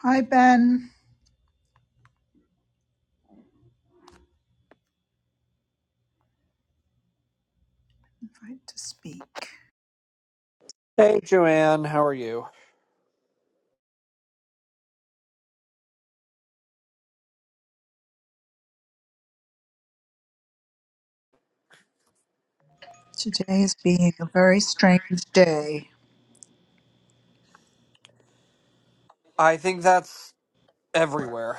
Hi, Ben. Invite to speak. Hey, Joanne, how are you? Today is being a very strange day. I think that's everywhere.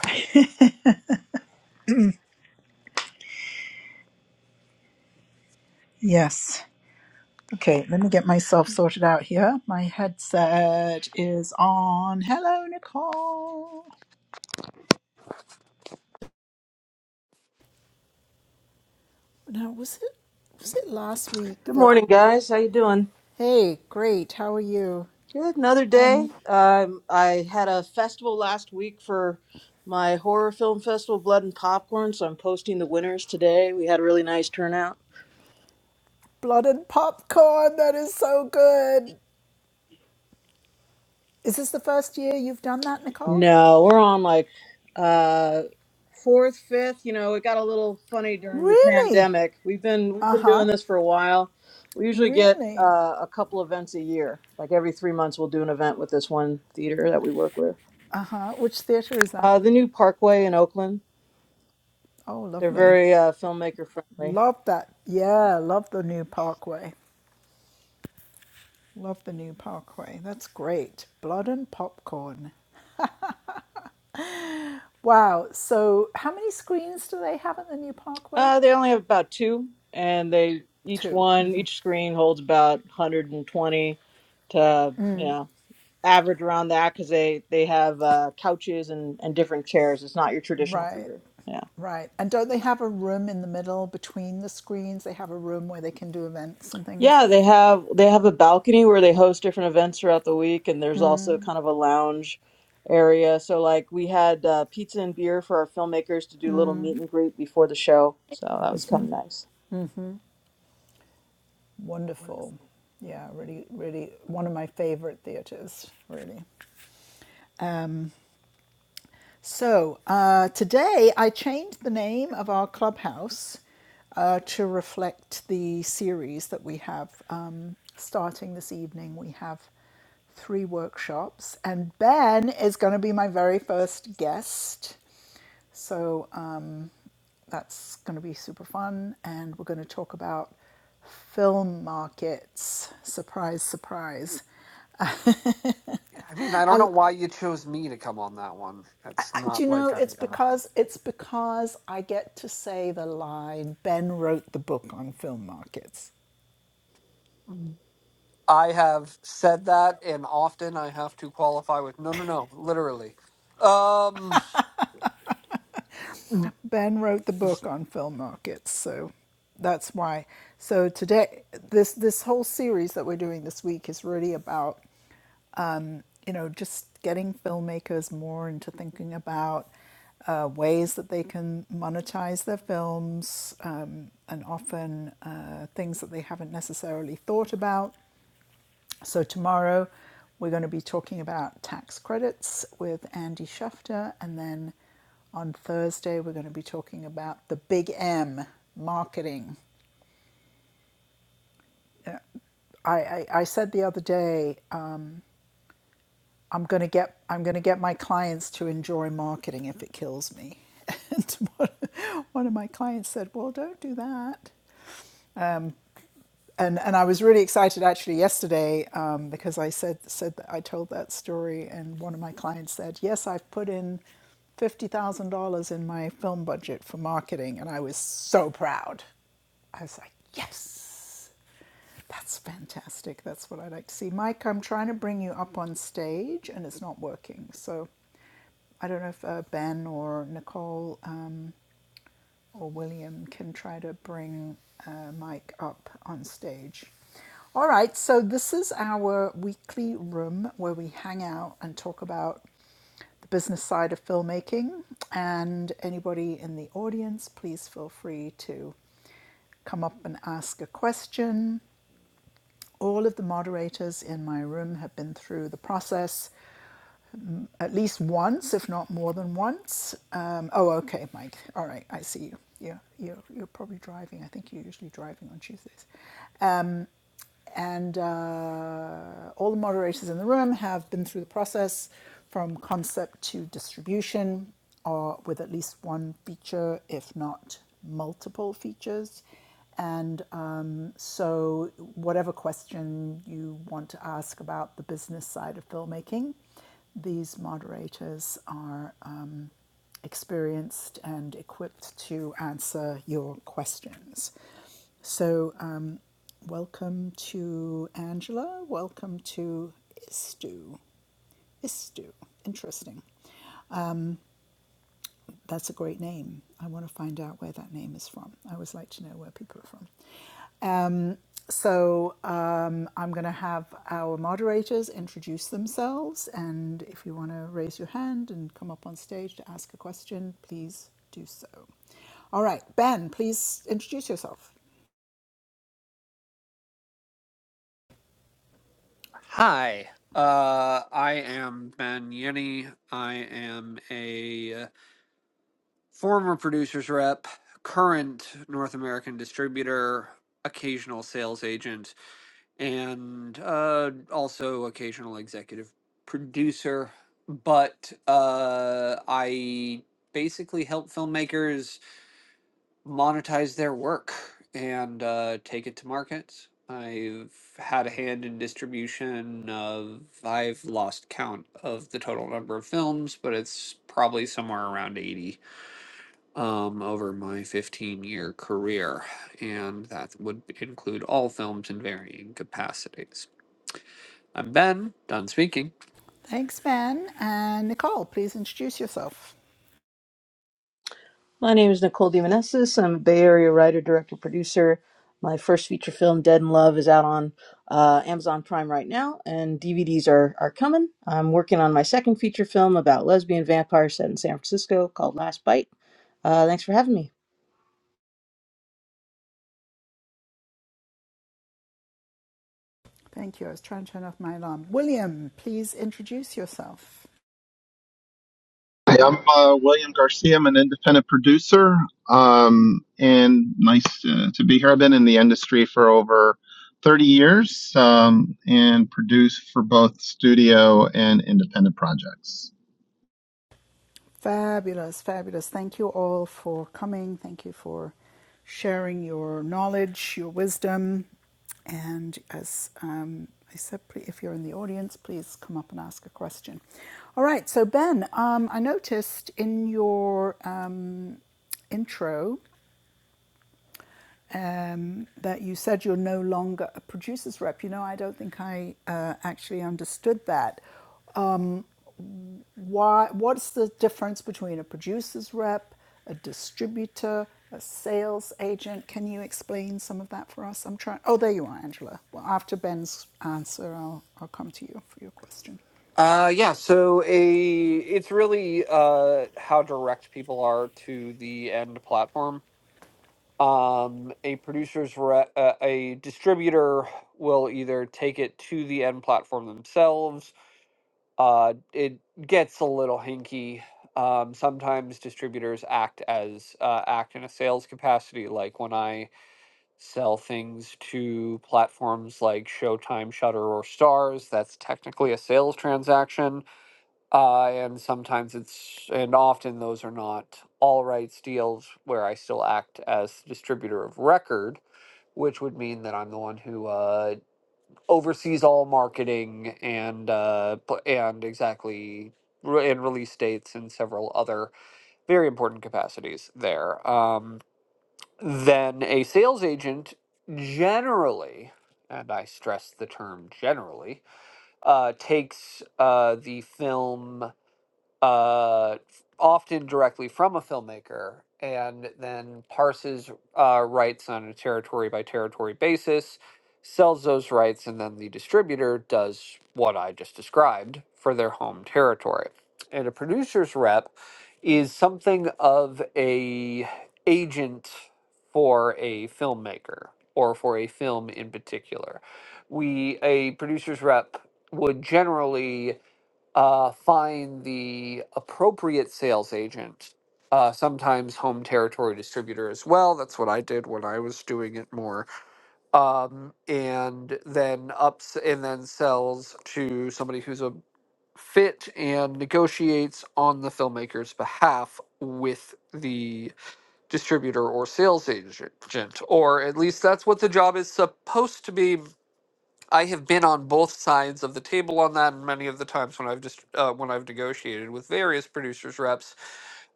Yes. Okay, let me get myself sorted out here. My headset is on. Hello, Nicole. Now, was it was it last week Good that? morning, guys. How you doing? Hey, great. How are you? Good. Another day. Um, Um, I had a festival last week for my horror film festival, Blood and Popcorn. So I'm posting the winners today. We had a really nice turnout. blood and popcorn. That is so good. Is this the first year you've done that, Nicole? No, we're on like uh, fourth, fifth. You know, it got a little funny during the Really? pandemic. We've been we've Uh been huh. doing this for a while. We usually get Really? uh, a couple events a year. Like every three months, we'll do an event with this one theater that we work with. Uh huh. Which theatre is that? Uh, the new Parkway in Oakland. Oh, They're lovely. very uh, filmmaker friendly. Love that. Yeah, love the new parkway. Love the new parkway. That's great. Blood and popcorn. Wow. So, how many screens do they have at the new parkway? Uh, they only have about two, and they each Two. one each screen holds about 120 to you know average around that because they they have uh, couches and and different chairs. It's not your traditional Right, theater. Yeah, right. And don't they have a room in the middle between the screens? They have a room where they can do events and things. yeah. They have they have a balcony where they host different events throughout the week, and there's also kind of a lounge area. So like we had uh, pizza and beer for our filmmakers to do little meet and greet before the show. So that was kind of nice. Wonderful. Yeah, really, really one of my favorite theaters, really. So uh, today I changed the name of our clubhouse uh, to reflect the series that we have um, starting this evening. We have three workshops, and Ben is going to be my very first guest. So um, that's going to be super fun, and we're going to talk about film markets. Surprise, surprise. I mean, I don't I know why you chose me to come on that one. It's Do not you know like I. it's Uh, because it's because I get to say the line Ben wrote the book on film markets. I have said that, and often I have to qualify with no, no, no, literally. Um, Ben wrote the book on film markets, so that's why. So today this this whole series that we're doing this week is really about, you know, just getting filmmakers more into thinking about uh, ways that they can monetize their films um, and often uh, things that they haven't necessarily thought about So, tomorrow we're going to be talking about tax credits with Andy Schufter. And then on Thursday, we're going to be talking about the big M marketing. I, I, I said the other day, um, I'm going to get I'm going to get my clients to enjoy marketing if it kills me. And one of my clients said, Well, don't do that. and and I was really excited actually yesterday um, because I said said that I told that story, and one of my clients said, "Yes, I've put in fifty thousand dollars in my film budget for marketing," and I was so proud. I was like, "Yes, that's fantastic. That's what I like to see." Mike, I'm trying to bring you up on stage, and it's not working. So, I don't know if uh, Ben or Nicole. Um, or William can try to bring uh, Mike up on stage. All right, so this is our weekly room where we hang out and talk about the business side of filmmaking. And anybody in the audience, please feel free to come up and ask a question. All of the moderators in my room have been through the process um, at least once, if not more than once. Um, oh, okay, Mike. All right, I see you. Yeah, you're, you're probably driving. I think you're usually driving on Tuesdays and uh, all the moderators in the room have been through the process from concept to distribution or with at least one feature if not multiple features and um, so whatever question you want to ask about the business side of filmmaking these moderators are um, experienced and equipped to answer your questions so, um, welcome to Angela. Welcome to Istu. Istu. Interesting. That's a great name. I want to find out where that name is from. I always like to know where people are from. Um, so, um, I'm going to have our moderators introduce themselves. And if you want to raise your hand and come up on stage to ask a question, please do so. All right, Ben, please introduce yourself. hi. Uh, I am Ben Yenny. I am a former producer's rep, current North American distributor, occasional sales agent and uh, also occasional executive producer. But uh, I basically help filmmakers monetize their work and uh, take it to market. I've had a hand in distribution of, I've lost count of the total number of films, but it's probably somewhere around 80 um, over my 15 year career. And that would include all films in varying capacities. I'm Ben, done speaking. Thanks, Ben. And Nicole, please introduce yourself. My name is Nicole DeMonesis. I'm a Bay Area writer, director, producer. My first feature film, Dead in Love, is out on uh, Amazon Prime right now, and DVDs are, are coming. I'm working on my second feature film about lesbian vampires set in San Francisco called Last Bite. Uh, thanks for having me. Thank you. I was trying to turn off my alarm. William, please introduce yourself. Hi, I'm uh, William Garcia. I'm an independent producer, um, and nice to, to be here. I've been in the industry for over 30 years um, and produce for both studio and independent projects. Fabulous, fabulous. Thank you all for coming. Thank you for sharing your knowledge, your wisdom. And as um, I said, if you're in the audience, please come up and ask a question. All right. So, Ben, um, I noticed in your um, intro um, that you said you're no longer a producer's rep. You know, I don't think I uh, actually understood that. Why? What's the difference between a producer's rep, a distributor, a sales agent? Can you explain some of that for us? I'm trying. Oh, there you are, Angela. Well, after Ben's answer, I'll I'll come to you for your question. Uh, yeah, so a it's really uh how direct people are to the end platform. Um, a producer's re uh, a distributor will either take it to the end platform themselves. Uh, it gets a little hinky. Um, sometimes distributors act as uh, act in a sales capacity, like when I sell things to platforms like Showtime, Shutter, or Stars. That's technically a sales transaction, uh, and sometimes it's and often those are not all rights deals where I still act as distributor of record, which would mean that I'm the one who uh, oversees all marketing and uh, and exactly re- and release dates and several other very important capacities there. Um, then a sales agent generally, and I stress the term generally, uh, takes uh, the film uh, often directly from a filmmaker, and then parses uh, rights on a territory by territory basis, sells those rights, and then the distributor does what I just described for their home territory. And a producer's rep is something of a agent for a filmmaker or for a film in particular. We a producer's rep would generally uh, find the appropriate sales agent, uh, sometimes home territory distributor as well. That's what I did when I was doing it more. Um, and then ups and then sells to somebody who's a fit and negotiates on the filmmaker's behalf with the distributor or sales agent, or at least that's what the job is supposed to be I have been on both sides of the table on that, and many of the times when I've just uh, when I've negotiated with various producers reps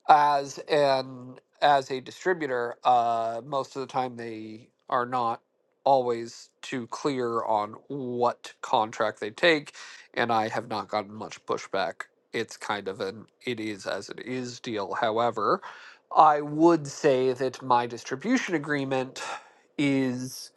as an as a distributor, uh, most of the time they are not always too clear on what contract they take, and I have not gotten much pushback. It's kind of an it is as it is deal. However, I would say that my distribution agreement is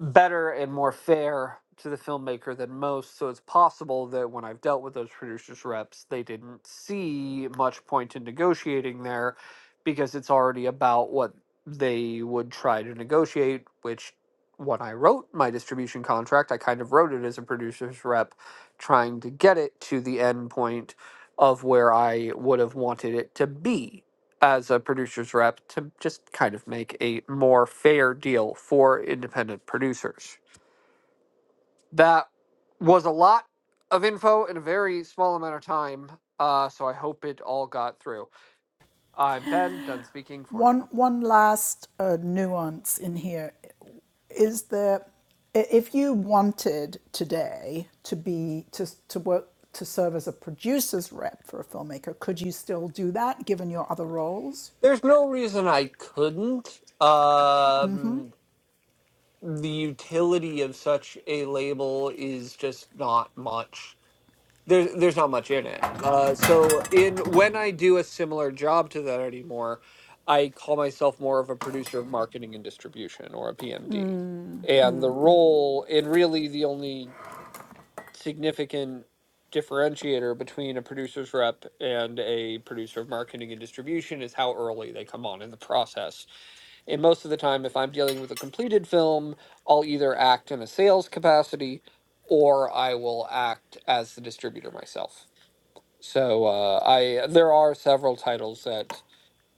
better and more fair to the filmmaker than most. So it's possible that when I've dealt with those producers reps, they didn't see much point in negotiating there because it's already about what they would try to negotiate, which when I wrote my distribution contract, I kind of wrote it as a producer's rep trying to get it to the end point of where I would have wanted it to be as a producer's rep to just kind of make a more fair deal for independent producers. That was a lot of info in a very small amount of time, uh, so I hope it all got through. I'm Ben, done speaking for One now. one last uh, nuance in here is there if you wanted today to be to to work to serve as a producer's rep for a filmmaker, could you still do that given your other roles? There's no reason I couldn't. Um, the utility of such a label is just not much. There's there's not much in it. Uh, so in when I do a similar job to that anymore, I call myself more of a producer of marketing and distribution or a PMD. And the role and really the only significant differentiator between a producer's rep and a producer of marketing and distribution is how early they come on in the process. And most of the time, if I'm dealing with a completed film, I'll either act in a sales capacity or I will act as the distributor myself. So uh, I there are several titles that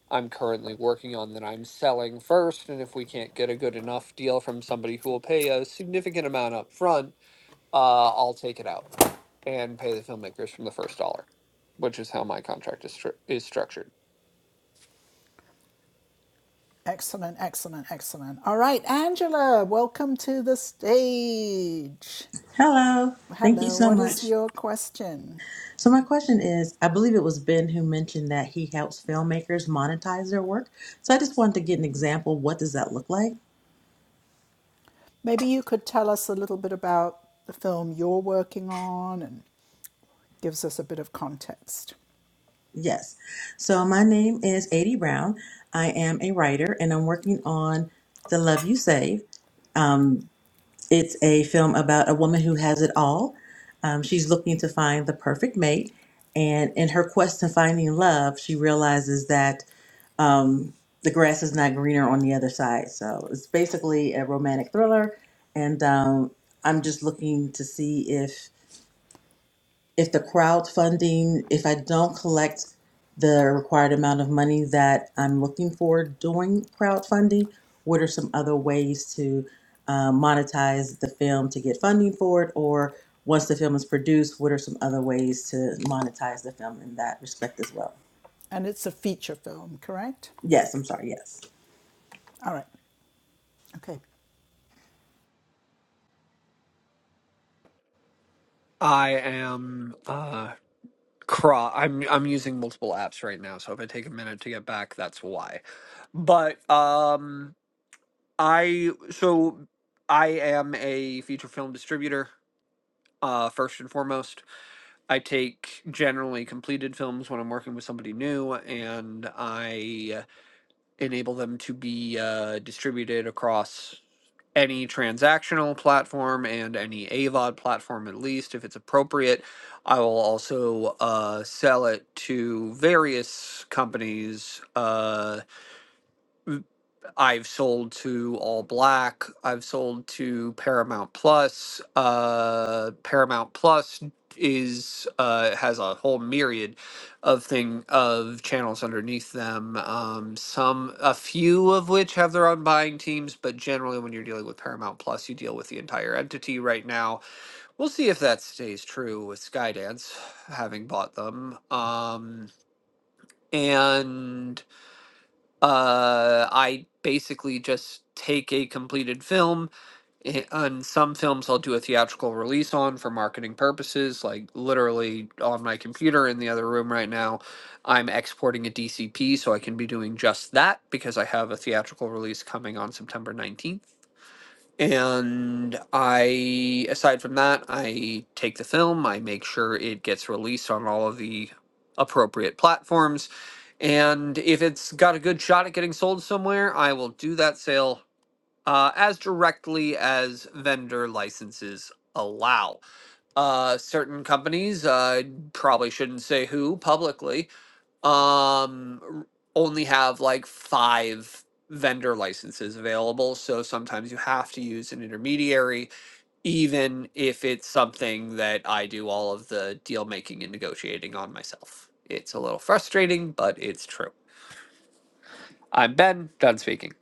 I'm currently working on that I'm selling first, and if we can't get a good enough deal from somebody who will pay a significant amount up front, uh, I'll take it out and pay the filmmakers from the first dollar, which is how my contract is stru- is structured. Excellent, excellent, excellent. All right, Angela, welcome to the stage. Hello. Thank you Hello, so what is much. your question? So, my question is I believe it was Ben who mentioned that he helps filmmakers monetize their work. So, I just wanted to get an example. What does that look like? Maybe you could tell us a little bit about the film you're working on and gives us a bit of context. Yes. So, my name is Adi Brown. I am a writer and I'm working on The Love You Save. Um, it's a film about a woman who has it all. Um, she's looking to find the perfect mate. And in her quest to finding love, she realizes that um, the grass is not greener on the other side. So it's basically a romantic thriller, and um, I'm just looking to see if if the crowdfunding, if I don't collect the required amount of money that I'm looking for doing crowdfunding, what are some other ways to uh, monetize the film to get funding for it, or once the film is produced, what are some other ways to monetize the film in that respect as well? And it's a feature film, correct? Yes, I'm sorry. Yes, All right. Okay. I am uh, cro- I'm I'm using multiple apps right now, so if I take a minute to get back, that's why. But um, I so I am a feature film distributor. uh, first and foremost. I take generally completed films when I'm working with somebody new, and I enable them to be uh, distributed across any transactional platform and any AVOD platform, at least if it's appropriate. I will also uh, sell it to various companies. Uh, I've sold to All Black. I've sold to Paramount Plus. Uh, Paramount Plus is uh, has a whole myriad of thing of channels underneath them. Um, some, a few of which have their own buying teams, but generally, when you're dealing with Paramount Plus, you deal with the entire entity. Right now, we'll see if that stays true with Skydance having bought them. Um, and uh, I basically just take a completed film. eh, On some films, I'll do a theatrical release on for marketing purposes, like literally on my computer in the other room right now. I'm exporting a DCP so I can be doing just that because I have a theatrical release coming on September 19th. And I, aside from that, I take the film, I make sure it gets released on all of the appropriate platforms. And if it's got a good shot at getting sold somewhere, I will do that sale uh, as directly as vendor licenses allow. Uh, certain companies, I probably shouldn't say who publicly, um only have like five vendor licenses available so sometimes you have to use an intermediary even if it's something that i do all of the deal making and negotiating on myself it's a little frustrating but it's true i'm ben done speaking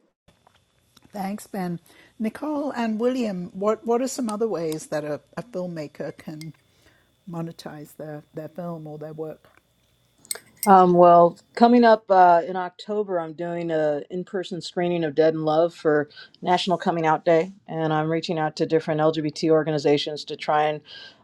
Thanks, Ben. Nicole and William, what, what are some other ways that a, a filmmaker can monetize their, their film or their work? Um, well, coming up uh, in October, I'm doing a in-person screening of Dead in Love for National Coming Out Day, and I'm reaching out to different LGBT organizations to try and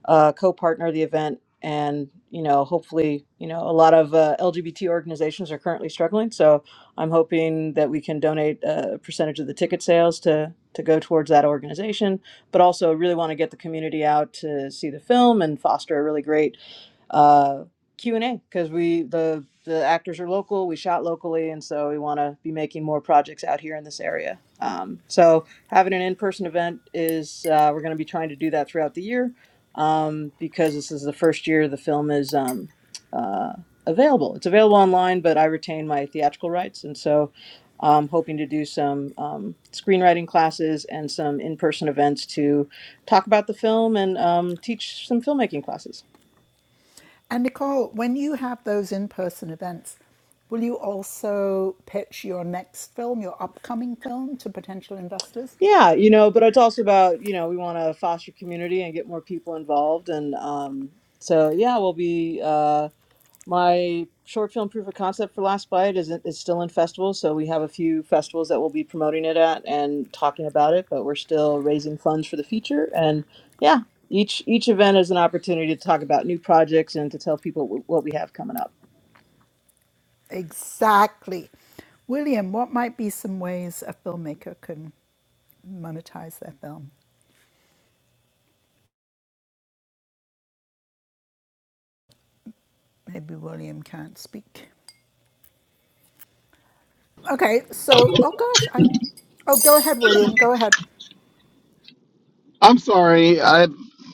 uh, co-partner the event. And you know, hopefully, you know, a lot of uh, LGBT organizations are currently struggling, so I'm hoping that we can donate a percentage of the ticket sales to to go towards that organization. But also, really want to get the community out to see the film and foster a really great uh, Q and A because we the the actors are local. We shot locally, and so we want to be making more projects out here in this area. Um, so having an in person event is uh, we're going to be trying to do that throughout the year um, because this is the first year the film is um, uh, available. It's available online, but I retain my theatrical rights, and so. I'm hoping to do some um, screenwriting classes and some in-person events to talk about the film and um, teach some filmmaking classes. And Nicole, when you have those in person events, will you also pitch your next film, your upcoming film, to potential investors? Yeah, you know, but it's also about, you know, we want to foster community and get more people involved. And um, so, yeah, we'll be. Uh, my short film proof of concept for Last Bite is is still in festivals, so we have a few festivals that we'll be promoting it at and talking about it. But we're still raising funds for the feature, and yeah, each each event is an opportunity to talk about new projects and to tell people wh- what we have coming up. Exactly. William, what might be some ways a filmmaker can monetize their film? Maybe William can't speak. Okay, so oh gosh, I oh go ahead, William, go ahead. I'm sorry, I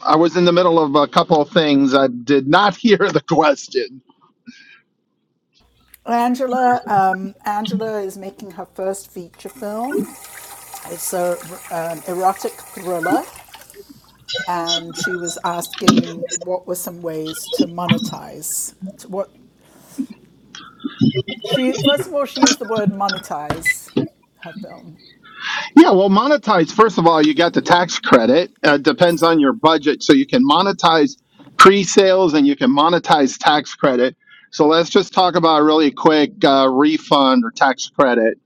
I was in the middle of a couple of things. I did not hear the question. Angela, um, Angela is making her first feature film. It's a um, erotic thriller, and she was asking what were some ways to monetize. To what she first of all she used the word monetize her film. Yeah, well, monetize. First of all, you got the tax credit. Uh, depends on your budget, so you can monetize pre-sales and you can monetize tax credit. So let's just talk about a really quick uh, refund or tax credit.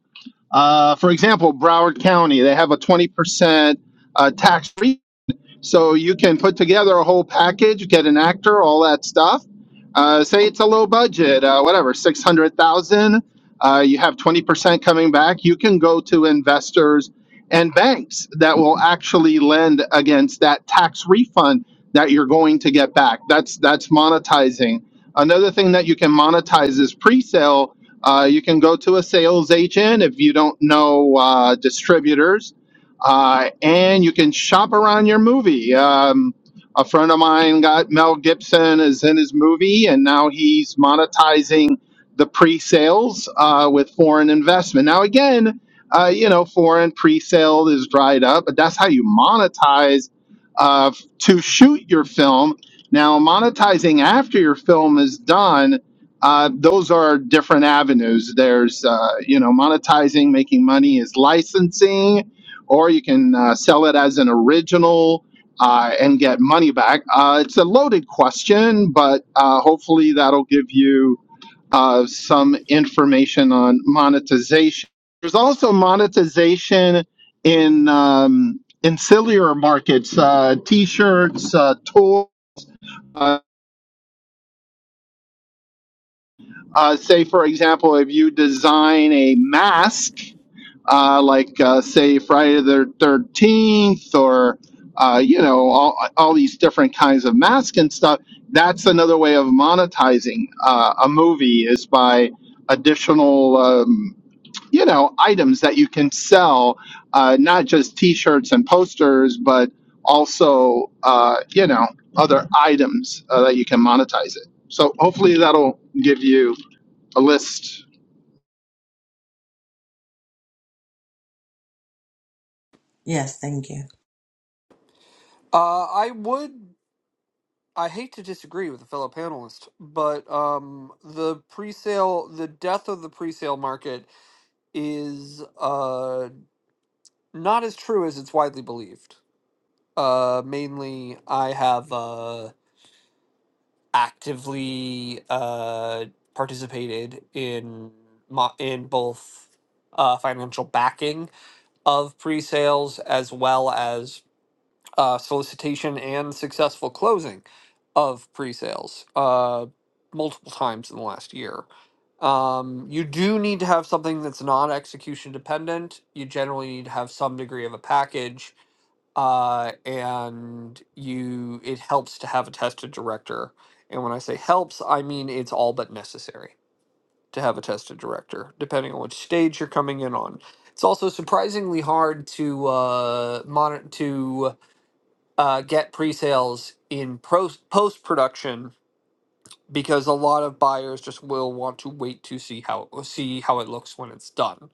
Uh, for example, Broward County, they have a twenty percent uh, tax refund so you can put together a whole package, get an actor, all that stuff. Uh, say it's a low budget, uh, whatever, six hundred thousand. Uh, you have twenty percent coming back. You can go to investors and banks that will actually lend against that tax refund that you're going to get back. That's that's monetizing. Another thing that you can monetize is pre-sale. Uh, you can go to a sales agent if you don't know uh, distributors uh, and you can shop around your movie. Um, a friend of mine got Mel Gibson is in his movie, and now he's monetizing the pre-sales uh, with foreign investment. Now again, uh, you know, foreign pre-sale is dried up, but that's how you monetize uh, to shoot your film. Now monetizing after your film is done. Uh, those are different avenues. There's, uh, you know, monetizing, making money is licensing or you can uh, sell it as an original uh, and get money back. Uh, it's a loaded question, but uh, hopefully that'll give you uh, some information on monetization. There's also monetization in um, ancillary markets, uh, t-shirts, uh, toys. Uh, uh, say, for example, if you design a mask uh, like uh, say Friday the Thirteenth, or uh, you know all, all these different kinds of masks and stuff. That's another way of monetizing uh, a movie is by additional um, you know items that you can sell, uh, not just T-shirts and posters, but also uh, you know other items uh, that you can monetize it. So hopefully that'll give you a list yes, thank you. Uh, I would. I hate to disagree with a fellow panelist, but um, the pre-sale, the death of the pre-sale market is uh not as true as it's widely believed. Uh, mainly, I have uh, actively uh, participated in mo- in both uh, financial backing of pre-sales as well as uh, solicitation and successful closing of pre-sales uh, multiple times in the last year. Um, you do need to have something that's not execution dependent. You generally need to have some degree of a package uh, and you it helps to have a tested director. And when I say helps, I mean it's all but necessary to have a tested director, depending on which stage you're coming in on. It's also surprisingly hard to uh, monitor to uh, get pre-sales in pro- post-production because a lot of buyers just will want to wait to see how see how it looks when it's done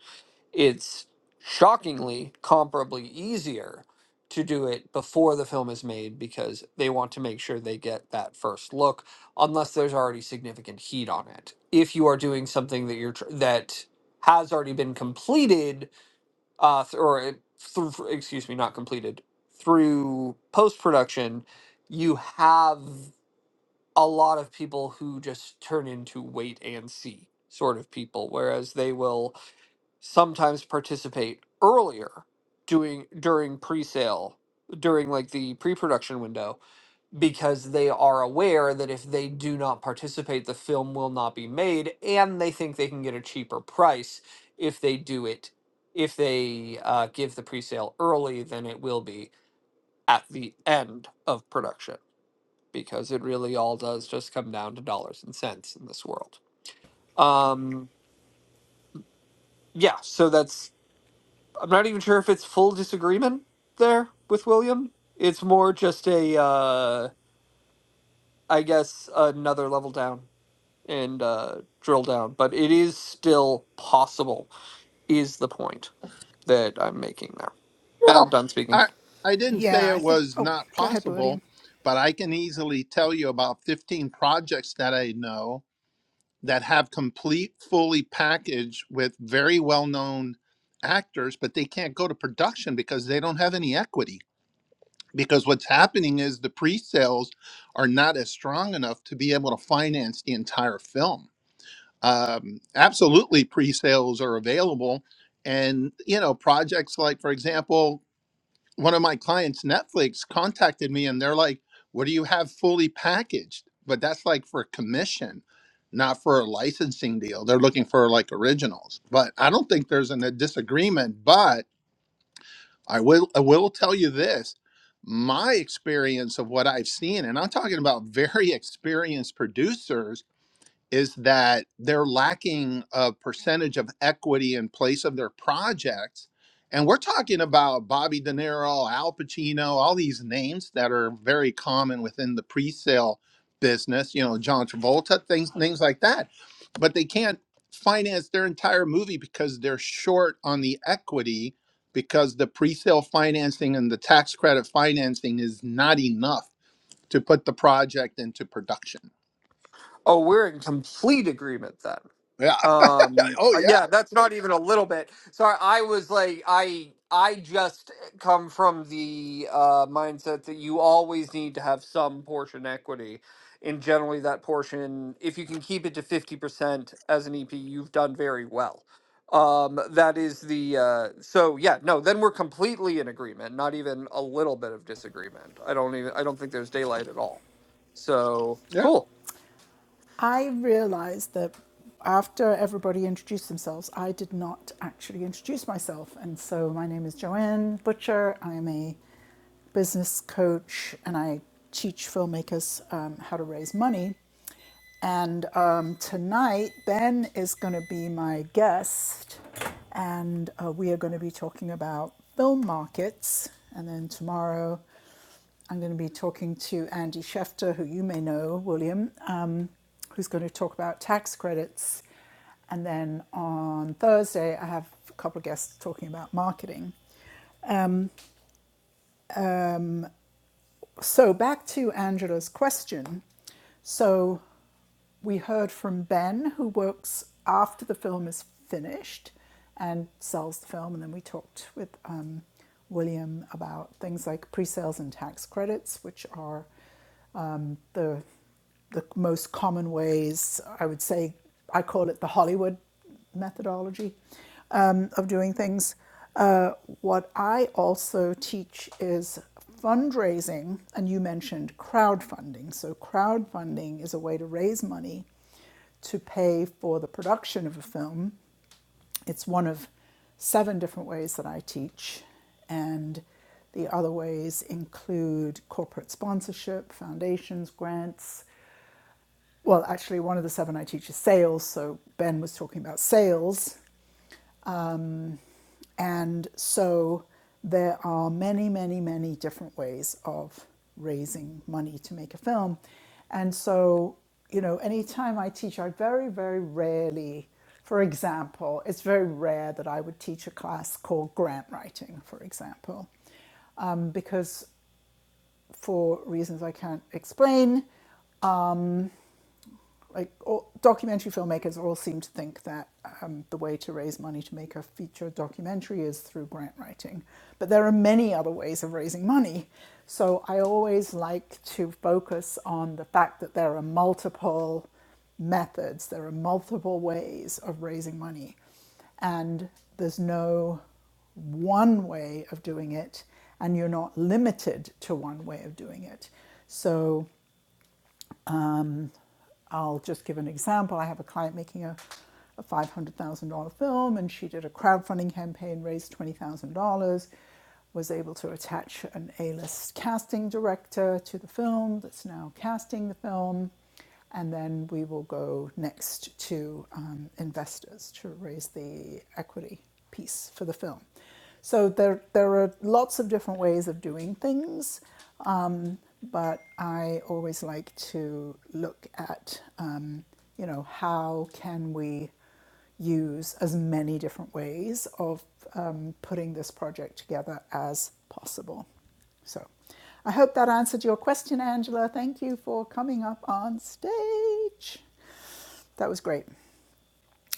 it's shockingly comparably easier to do it before the film is made because they want to make sure they get that first look unless there's already significant heat on it if you are doing something that you're tr- that has already been completed uh th- or it- through excuse me not completed through post production you have a lot of people who just turn into wait and see sort of people whereas they will sometimes participate earlier doing during pre-sale during like the pre-production window because they are aware that if they do not participate the film will not be made and they think they can get a cheaper price if they do it if they uh, give the pre-sale early then it will be at the end of production because it really all does just come down to dollars and cents in this world um yeah so that's. I'm not even sure if it's full disagreement there with William. It's more just a, uh, I guess, another level down and uh, drill down, but it is still possible, is the point that I'm making there. Ben, Well, done speaking. I I didn't say Yeah, I it think. was Oh, not go ahead, William. possible, but I can easily tell you about 15 projects that I know that have complete, fully packaged with very well-known actors, but they can't go to production because they don't have any equity. Because what's happening is the pre-sales are not as strong enough to be able to finance the entire film. Um, absolutely, pre-sales are available, and you know projects like, for example, one of my clients, Netflix, contacted me and they're like, What do you have fully packaged? But that's like for commission, not for a licensing deal. They're looking for like originals. But I don't think there's an, a disagreement. But I will, I will tell you this my experience of what I've seen, and I'm talking about very experienced producers is that they're lacking a percentage of equity in place of their projects. And we're talking about Bobby De Niro, Al Pacino, all these names that are very common within the pre-sale business, you know, John Travolta, things things like that. But they can't finance their entire movie because they're short on the equity because the pre-sale financing and the tax credit financing is not enough to put the project into production. Oh, we're in complete agreement then. Yeah. um oh uh, yeah yeah. that's not even a little bit sorry i was like i i just come from the uh mindset that you always need to have some portion equity and generally that portion if you can keep it to 50% as an ep you've done very well um that is the uh so yeah no then we're completely in agreement not even a little bit of disagreement i don't even i don't think there's daylight at all so Yeah. cool I realized that after everybody introduced themselves, I did not actually introduce myself. And so my name is Joanne Butcher. I'm a business coach and I teach filmmakers um, how to raise money. And um, tonight, Ben is going to be my guest, and uh, we are going to be talking about film markets. And then tomorrow, I'm going to be talking to Andy Schefter, who you may know, William, um, who's going to talk about tax credits. And then on Thursday, I have a couple of guests talking about marketing. So back to Angela's question. So we heard from Ben, who works after the film is finished and sells the film. And then we talked with um, William about things like pre sales and tax credits, which are the the most common ways. I would say I call it the Hollywood methodology um, of doing things. Uh, what I also teach is fundraising, and you mentioned crowdfunding. So, crowdfunding is a way to raise money to pay for the production of a film it's one of seven different ways that I teach, and the other ways include corporate sponsorship, foundations, grants. Well, actually, one of the seven I teach is sales, so Ben was talking about sales. And so there are many, many, many different ways of raising money to make a film. And so, you know, anytime I teach, I very, very rarely, for example, it's very rare that I would teach a class called grant writing, for example, um, because for reasons I can't explain, like all, documentary filmmakers all seem to think that um, the way to raise money to make a feature documentary is through grant writing but there are many other ways of raising money so i always like to focus on the fact that there are multiple methods there are multiple ways of raising money and there's no one way of doing it and you're not limited to one way of doing it so um, I'll just give an example. I have a client making a, a $500,000 film, and she did a crowdfunding campaign, raised $20,000, was able to attach an A list casting director to the film that's now casting the film. And then we will go next to um, investors to raise the equity piece for the film. So there, there are lots of different ways of doing things, um, but I always like to look at, um, you know, how can we use as many different ways of um, putting this project together as possible. So I hope that answered your question, Angela. Thank you for coming up on stage. That was great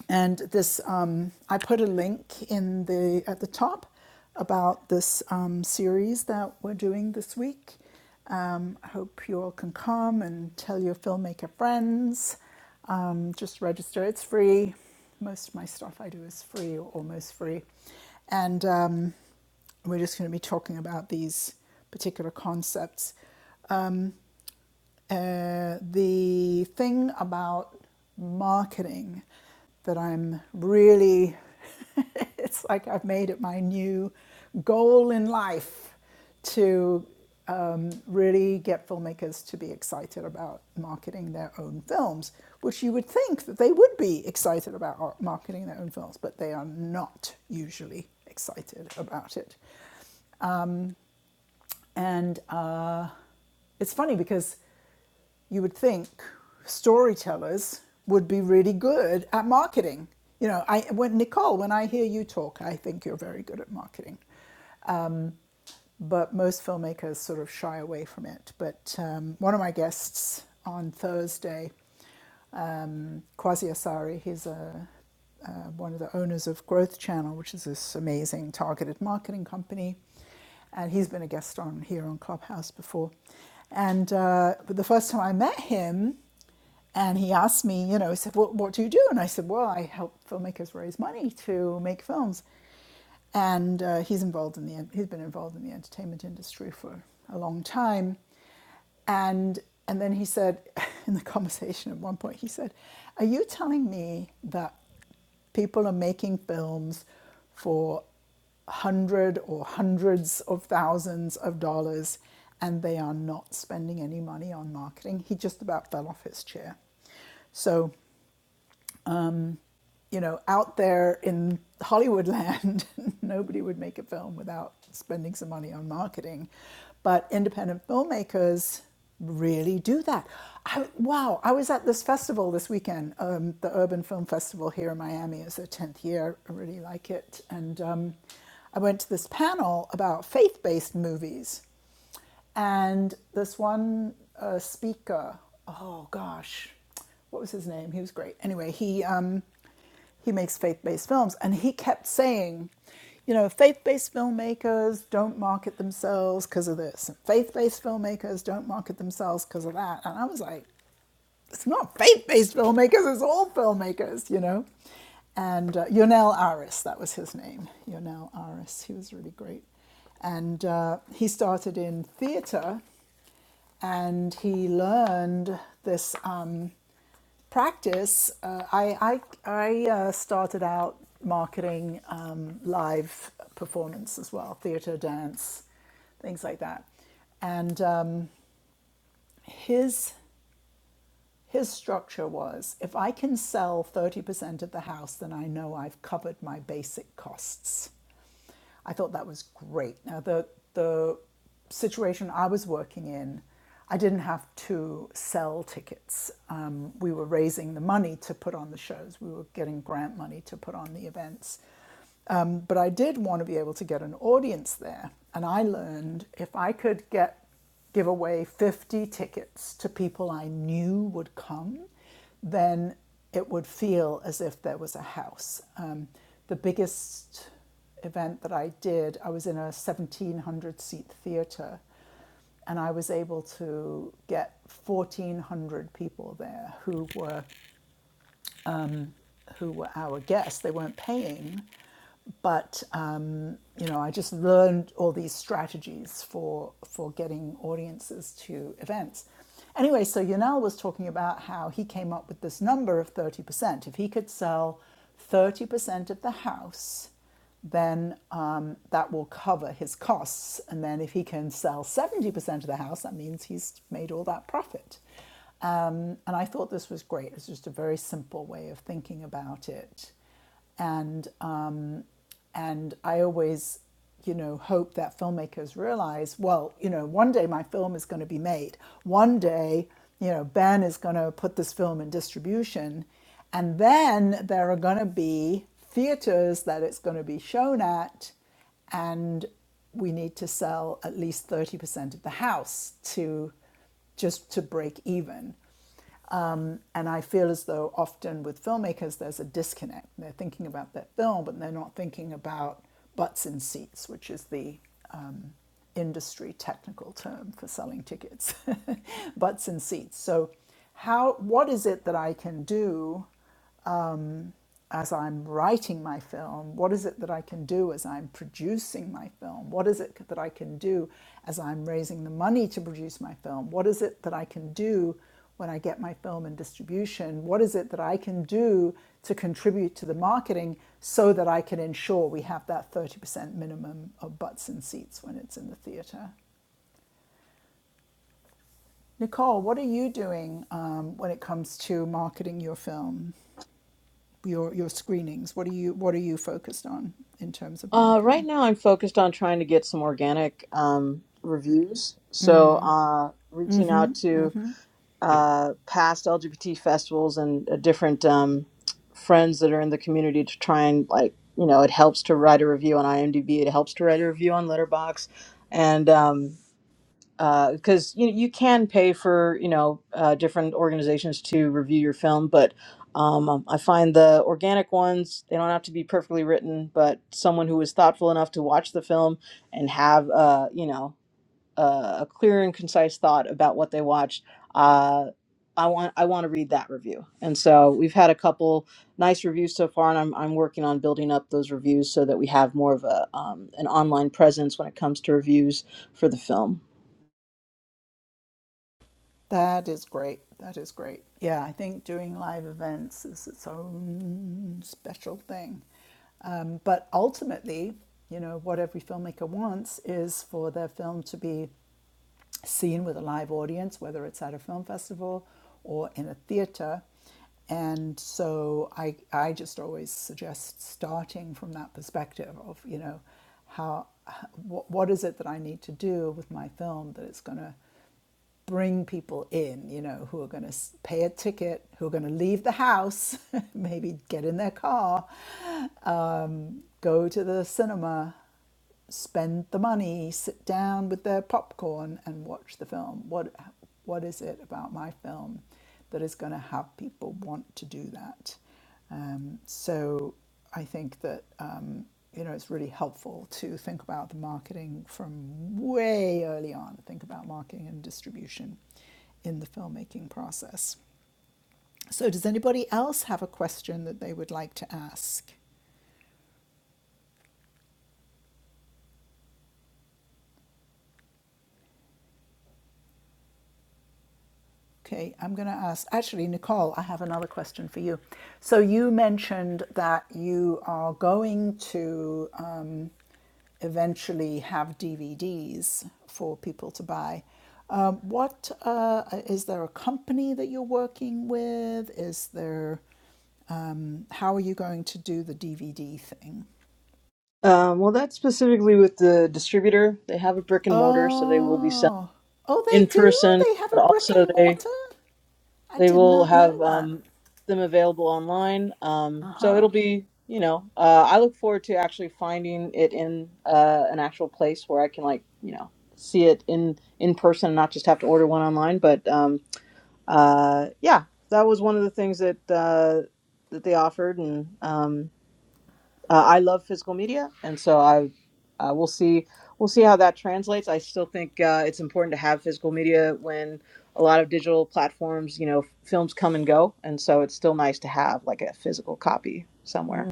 and this um, i put a link in the at the top about this um, series that we're doing this week um, i hope you all can come and tell your filmmaker friends um, just register it's free most of my stuff i do is free or almost free and um, we're just going to be talking about these particular concepts uh, the thing about marketing that I'm really, it's like I've made it my new goal in life to um, really get filmmakers to be excited about marketing their own films, which you would think that they would be excited about marketing their own films, but they are not usually excited about it. And uh, it's funny because you would think storytellers would be really good at marketing. You know, I when Nicole, when I hear you talk, I think you're very good at marketing. But most filmmakers sort of shy away from it. But um, one of my guests on Thursday um, Kwasi Asari. He's a, uh, one of the owners of Growth Channel, which is this amazing targeted marketing company. And he's been a guest on here on Clubhouse before. And uh, but the first time I met him, and he asked me, you know, he said, what, what do you do? And I said, well, I help filmmakers raise money to make films. And uh, he's involved in the, he's been involved in the entertainment industry for a long time. And and then he said in the conversation at one point, he said, Are you telling me that people are making films for hundred or hundreds of thousands of dollars and they are not spending any money on marketing? He just about fell off his chair. So you know, out there in Hollywood land, nobody would make a film without spending some money on marketing. But independent filmmakers really do that. I, wow, I was at this festival this weekend, um, the Urban Film Festival here in Miami. It's their 10th year. I really like it. And um, I went to this panel about faith based movies. And this one uh, speaker, oh gosh, what was his name? He was great. Anyway, he um, he makes faith-based films, and he kept saying, you know, faith-based filmmakers don't market themselves because of this, and faith-based filmmakers don't market themselves because of that. And I was like, it's not faith-based filmmakers, it's all filmmakers, you know. And uh, Yonel Aris, that was his name, Yonel Aris. He was really great. And uh, he started in theater and he learned this um, practice. Uh, I, I, I uh, started out marketing um, live performance as well, theater, dance, things like that. And um, his his structure was if I can sell 30% of the house, then I know I've covered my basic costs. I thought that was great. Now, the, the situation I was working in, I didn't have to sell tickets. Um, we were raising the money to put on the shows, we were getting grant money to put on the events. Um, but I did want to be able to get an audience there. And I learned if I could get give away 50 tickets to people I knew would come, then it would feel as if there was a house. Um, the biggest event that I did, I was in a 1700 seat theater and I was able to get 1,400 people there who were who were our guests. They weren't paying, but um, you know, I just learned all these strategies for for getting audiences to events. Anyway, so Yanel was talking about how he came up with this number of thirty percent. If he could sell thirty percent of the house, then um, that will cover his costs. And then if he can sell 70% of the house, that means he's made all that profit. Um, and I thought this was great. It's just a very simple way of thinking about it. And, um, and I always, you know, hope that filmmakers realize, well, you know, one day my film is going to be made. One day, you know, Ben is going to put this film in distribution. And then there are going to be theaters that it's going to be shown at. And we need to sell at least 30% of the house to just to break even. And I feel as though often with filmmakers, there's a disconnect. They're thinking about their film, but they're not thinking about butts in seats, which is the um, industry technical term for selling tickets, butts in seats. So, how, what is it that I can do as I'm writing my film? What is it that I can do as I'm producing my film? What is it that I can do as I'm raising the money to produce my film? What is it that I can do when I get my film in distribution? What is it that I can do to contribute to the marketing so that I can ensure we have that 30% minimum of butts and seats when it's in the theatre? Nicole, what are you doing um, when it comes to marketing your film? your your screenings what are you what are you focused on in terms of Uh, right marketing now, I'm focused on trying to get some organic um, reviews. So, uh, reaching out to uh, past LGBT festivals and uh, different um, friends that are in the community to try and like, you know, it helps to write a review on IMDb. It helps to write a review on Letterbox, and um, because you you can pay for you know uh, different organizations to review your film, but um, I find the organic ones they don't have to be perfectly written, but someone who is thoughtful enough to watch the film and have uh, you know uh, a clear and concise thought about what they watched. Uh, I want I want to read that review, and so we've had a couple nice reviews so far, and I'm I'm working on building up those reviews so that we have more of a um, an online presence when it comes to reviews for the film. that is great that is great yeah i think doing live events is its own special thing um, but ultimately you know what every filmmaker wants is for their film to be seen with a live audience, whether it's at a film festival or in a theater. And so I, I just always suggest starting from that perspective of, you know, how, what, what is it that I need to do with my film that it's going to bring people in, you know, who are going to pay a ticket, who are going to leave the house, maybe get in their car, um, go to the cinema, spend the money, sit down with their popcorn and watch the film? What what is it about my film that is going to have people want to do that? Um, so I think that um, you know it's really helpful to think about the marketing from way early on. Think about marketing and distribution in the filmmaking process. So does anybody else have a question that they would like to ask? Okay, I'm going to ask, actually, Nicole, I have another question for you. So you mentioned that you are going to um, eventually have DVDs for people to buy. Um, what uh, is there a company that you're working with? Is there um, how are you going to do the DVD thing? Um, well, that's specifically with the distributor. They have a brick and mortar, so they will be selling Oh, oh, they in do. person, They have a but brick also and they mortar. I they did will not know have that. um, them available online. Um, so it'll be, you know, uh, I look forward to actually finding it in uh, an actual place where I can like, you know, see it in in person and not just have to order one online. But um, uh, yeah, that was one of the things that uh, that they offered, and um, uh, I love physical media, and so I uh, we'll see we'll see how that translates. I still think uh, it's important to have physical media when a lot of digital platforms, you know, films come and go, and so it's still nice to have like a physical copy somewhere.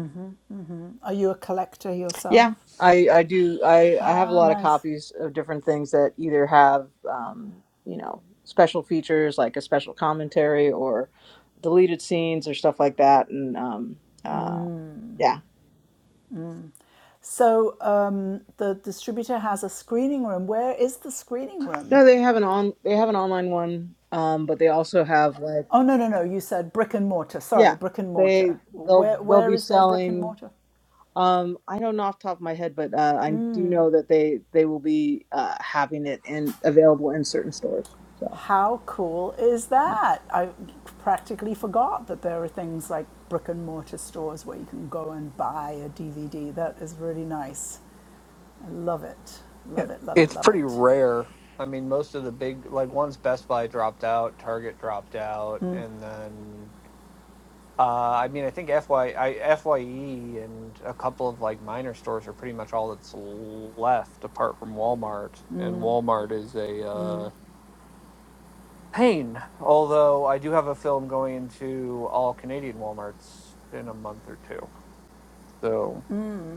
Are you a collector yourself? Yeah, I I do I I have a Ah, lot of nice. copies of different things that either have um, you know special features like a special commentary or deleted scenes or stuff like that, and um, uh, yeah. So um, the distributor has a screening room. Where is the screening room? No, they have an on they have an online one, um, but they also have like Oh no no no! You said brick and mortar. Sorry, yeah, brick and they mortar. they'll Where they'll where be is their brick and selling. mortar? Um, I don't know off the top of my head, but uh, I do know that they they will be uh, having it in available in certain stores. So. How cool is yeah. that? I practically forgot that there are things like brick and mortar stores where you can go and buy a DVD. That is really nice. I love it. Yeah, Love it. Love it. it's Love pretty it. rare. I mean, most of the big like once Best Buy dropped out, Target dropped out, and then uh, I mean, I think FY, I, Fye and a couple of like minor stores are pretty much all that's left, apart from Walmart. And Walmart is a uh, pain. Although I do have a film going to all Canadian WalMarts in a month or two, so.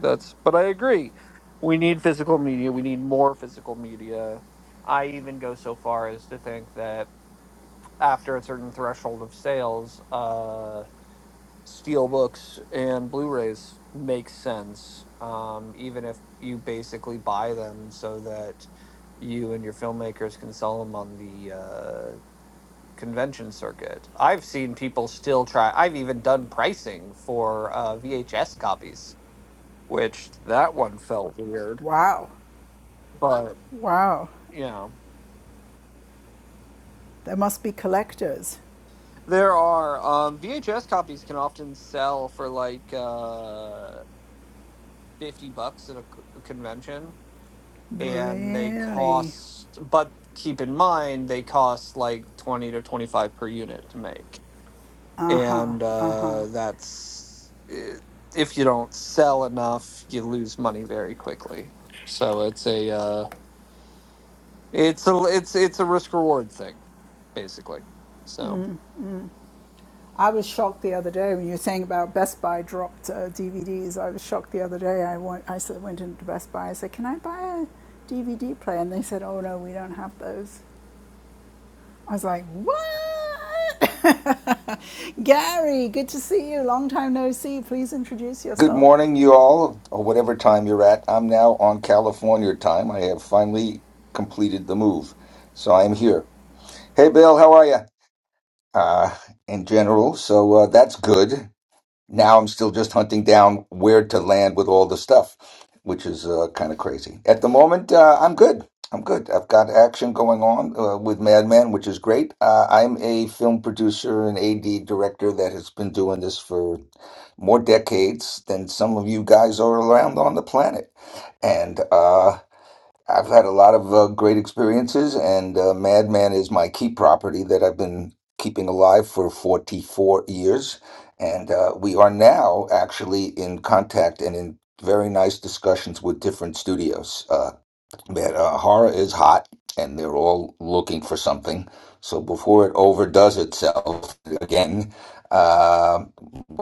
That's but I agree. We need physical media. We need more physical media. I even go so far as to think that after a certain threshold of sales, uh, steel books and Blu-rays make sense, um, even if you basically buy them so that you and your filmmakers can sell them on the uh, convention circuit. I've seen people still try. I've even done pricing for uh, VHS copies, which that one felt weird. Wow. but Wow. yeah, There must be collectors. there are um, VHS copies can often sell for like uh, fifty bucks at a c- a convention, and they Really? cost. But keep in mind, they cost like twenty to twenty five per unit to make, and uh, that's i- if you don't sell enough, you lose money very quickly. So it's a uh, it's a it's it's a risk reward thing basically. So. I was shocked the other day when you were saying about Best Buy dropped uh, DVDs. I was shocked the other day. I went, I went into Best Buy. I said, "Can I buy a DVD player?" And they said, "Oh no, we don't have those." I was like, "What?" Gary, good to see you. Long time no see. Please introduce Good yourself. morning, you all, or whatever time you're at. I'm now on California time. I have finally completed the move, so I'm here. Hey, Bill, how are you? Uh, in general, so uh, that's good now I'm still just hunting down where to land with all the stuff, which is uh, kind of crazy. At the moment, uh, I'm good. I'm good. I've got action going on uh, with Madman, which is great. Uh, I'm a film producer and AD director that has been doing this for more decades than some of you guys are around on the planet. And uh, I've had a lot of uh, great experiences, and uh, Madman is my key property that I've been keeping alive for 44 years. And uh, we are now actually in contact and in very nice discussions with different studios. Uh, but, uh, horror is hot, and they're all looking for something. So before it overdoes itself again, uh,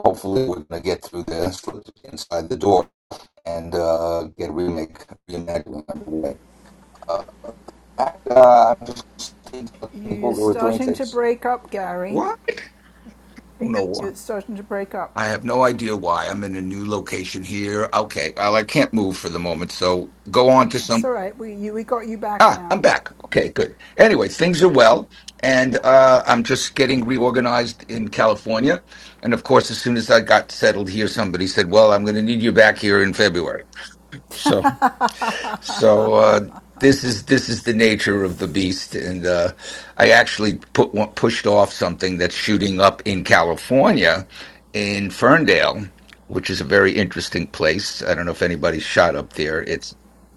hopefully we're going to get through this inside the door and uh, get a remake, reimagining underway Uh, back. Uh, I'm just You- You're people who are doing starting to things. break up, Gary. Why? I don't know why. You're starting to break up. I have no idea why. I'm in a new location here. Okay. Well, I can't move for the moment. So go on to That's some. all right. We you, we got you back Ah, I'm now. back. Okay, good. Anyway, things are well. And uh, I'm just getting reorganized in California. And of course, as soon as I got settled here, somebody said, Well, I'm going to need you back here in February. So. So uh, this is this is the nature of the beast, and uh, I actually put one, pushed off something that's shooting up in California, in Ferndale, which is a very interesting place. I don't know if anybody shot up there. It's.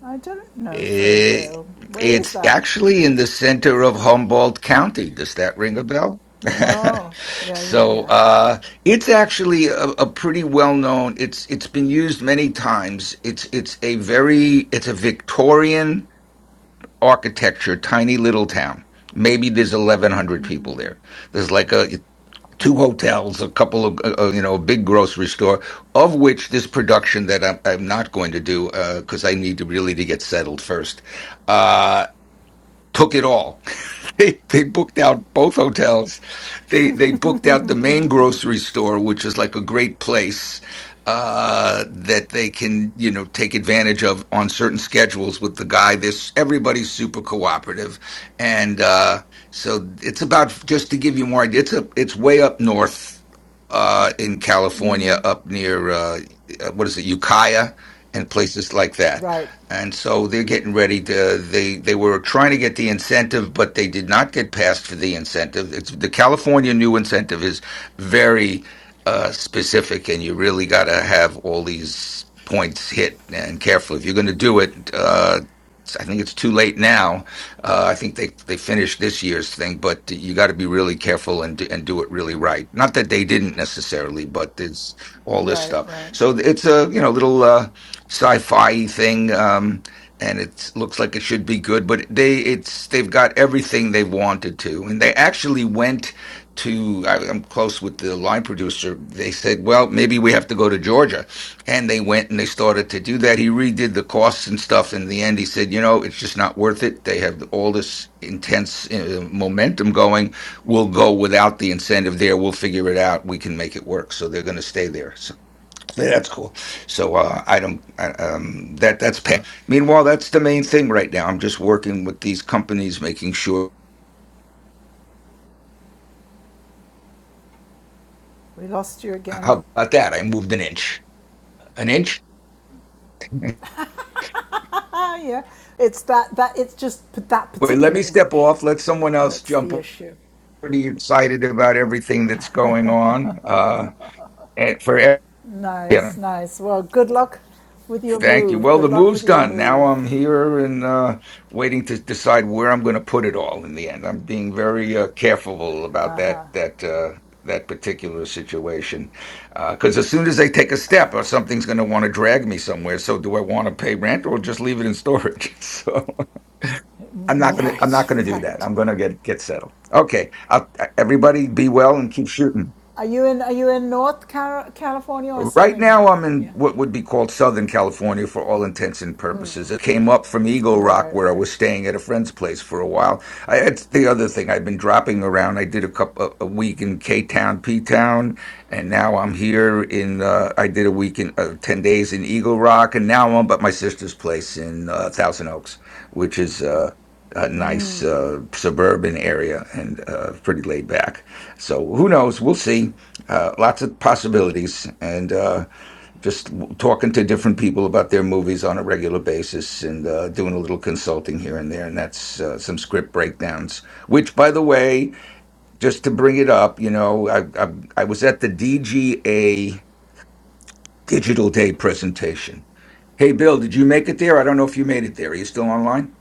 I don't know Eh, Ferndale. Where is it's that? actually in the center of Humboldt County. Does that ring a bell? Oh, yeah, yeah, so yeah. uh, it's actually a, a pretty well known. It's it's been used many times. It's it's a very it's a Victorian architecture, tiny little town. Maybe there's 1,100 people there. There's like a two hotels, a couple of uh, uh, you know, a big grocery store, of which this production that I'm, I'm not going to do because I need to really to get settled first. Uh, took it all. they they booked out both hotels. They they booked out the main grocery store, which is like a great place uh, that they can you know take advantage of on certain schedules with the guy. This everybody's super cooperative, and uh, so it's about just to give you more idea. It's a it's way up north. Uh, in California, up near uh, what is it, Ukiah, and places like that Right. and so they're getting ready to they they were trying to get the incentive but they did not get passed for the incentive it's the california new incentive is very uh specific and you really got to have all these points hit and careful if you're going to do it uh I think it's too late now. Uh, I think they they finished this year's thing, but you got to be really careful and do- and do it really right. Not that they didn't necessarily, but there's all this Right, stuff. right. So it's a you know little. Uh, sci-fi thing, um, and it looks like it should be good. But they, it's they've got everything they wanted to, and they actually went to. I, I'm close with the line producer. They said, "Well, maybe we have to go to Georgia," and they went and they started to do that. He redid the costs and stuff. In the end, he said, "You know, it's just not worth it. They have all this intense uh, momentum going. We'll go without the incentive there. We'll figure it out. We can make it work." So they're going to stay there. So yeah, that's cool. So uh, I don't. I, um, that that's pa- meanwhile that's the main thing right now. I'm just working with these companies, making sure. We lost you again. How about that? I moved an inch. An inch. yeah, it's that that it's just p- that Wait, let particular me step inch off. Let someone else that's jump. the issue. Pretty excited about everything that's going on. Uh, and for everyone. Nice, nice. Well, good luck with your Thank you. move. Well, Good the luck move's with your done. Now move. I'm here and uh, waiting to decide where I'm going to put it all in the end. I'm being very uh, careful about that that uh, that particular situation because as soon as they take a step, or something's going to want to drag me somewhere. So, do I want to pay rent or just leave it in storage? so, I'm not gonna I'm not Right, gonna do that. right. I'm gonna get get settled. Okay, I'll, everybody, be well and keep shooting. Are you in Are you in North Car- California or Right Southern now, I'm in California? what would be called Southern California for all intents and purposes. It came up from Eagle Rock, Right, where I right. was staying at a friend's place for a while. I, it's the other thing I've been dropping around. I did a couple a week in K Town, P Town, and now I'm here in. Uh, I did a week in uh, ten days in Eagle Rock, and now I'm at my sister's place in uh, Thousand Oaks, which is uh, a nice uh, suburban area and uh, pretty laid back. So who knows? We'll see. Uh, lots of possibilities, and uh, just w- talking to different people about their movies on a regular basis, and uh, doing a little consulting here and there, and that's uh, some script breakdowns. Which, by the way, just to bring it up, you know, I I, I was at the DGA Digital Day presentation. Hey, Bill, did you make it there? I don't know if you made it there. Are you still online?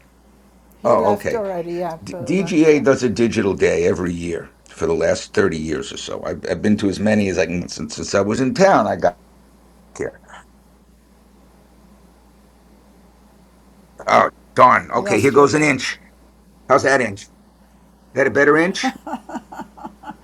He Oh, left okay. already. Yeah, D- Bill left. DGA Yeah, does a digital day every year for the last 30 years or so. I've, I've been to as many as I can since, since I was in town. I got here. Oh, darn. we Okay, here lost you goes an again. inch. How's that inch? Is that a better inch?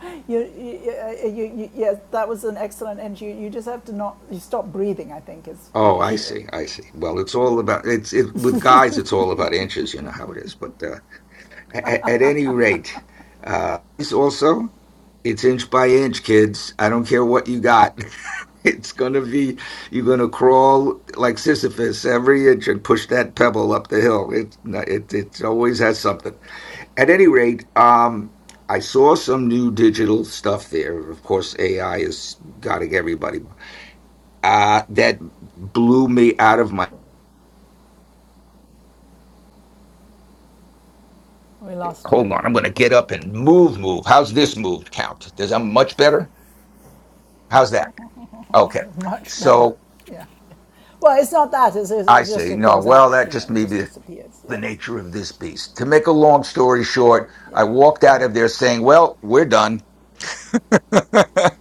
You, you, uh, you, you yeah, that was an excellent end. You, you just have to not. You stop breathing. I think is the Oh, I issue. see. I see. Well, it's all about it's it with guys. It's all about inches. You know how it is. But uh, at, at any rate, uh, it's also it's inch by inch, kids. I don't care what you got. It's gonna be you're gonna crawl like Sisyphus every inch and push that pebble up the hill. It's not- it it always has something. at any rate, um, I saw some new digital stuff there. Of course, AI is gotting everybody. Uh, that blew me out of my. We lost you Hold on, I'm again. going to get up and move, move. How's this move count? Does that much better? How's that? Okay. Much better. So Yeah. Well, it's not that. It's, it's, I just say, it no, goes well, out. that You know, just it may just be disappears. the Yeah. nature of this beast. To make a long story short, I Yeah. walked out of there saying, well, we're done.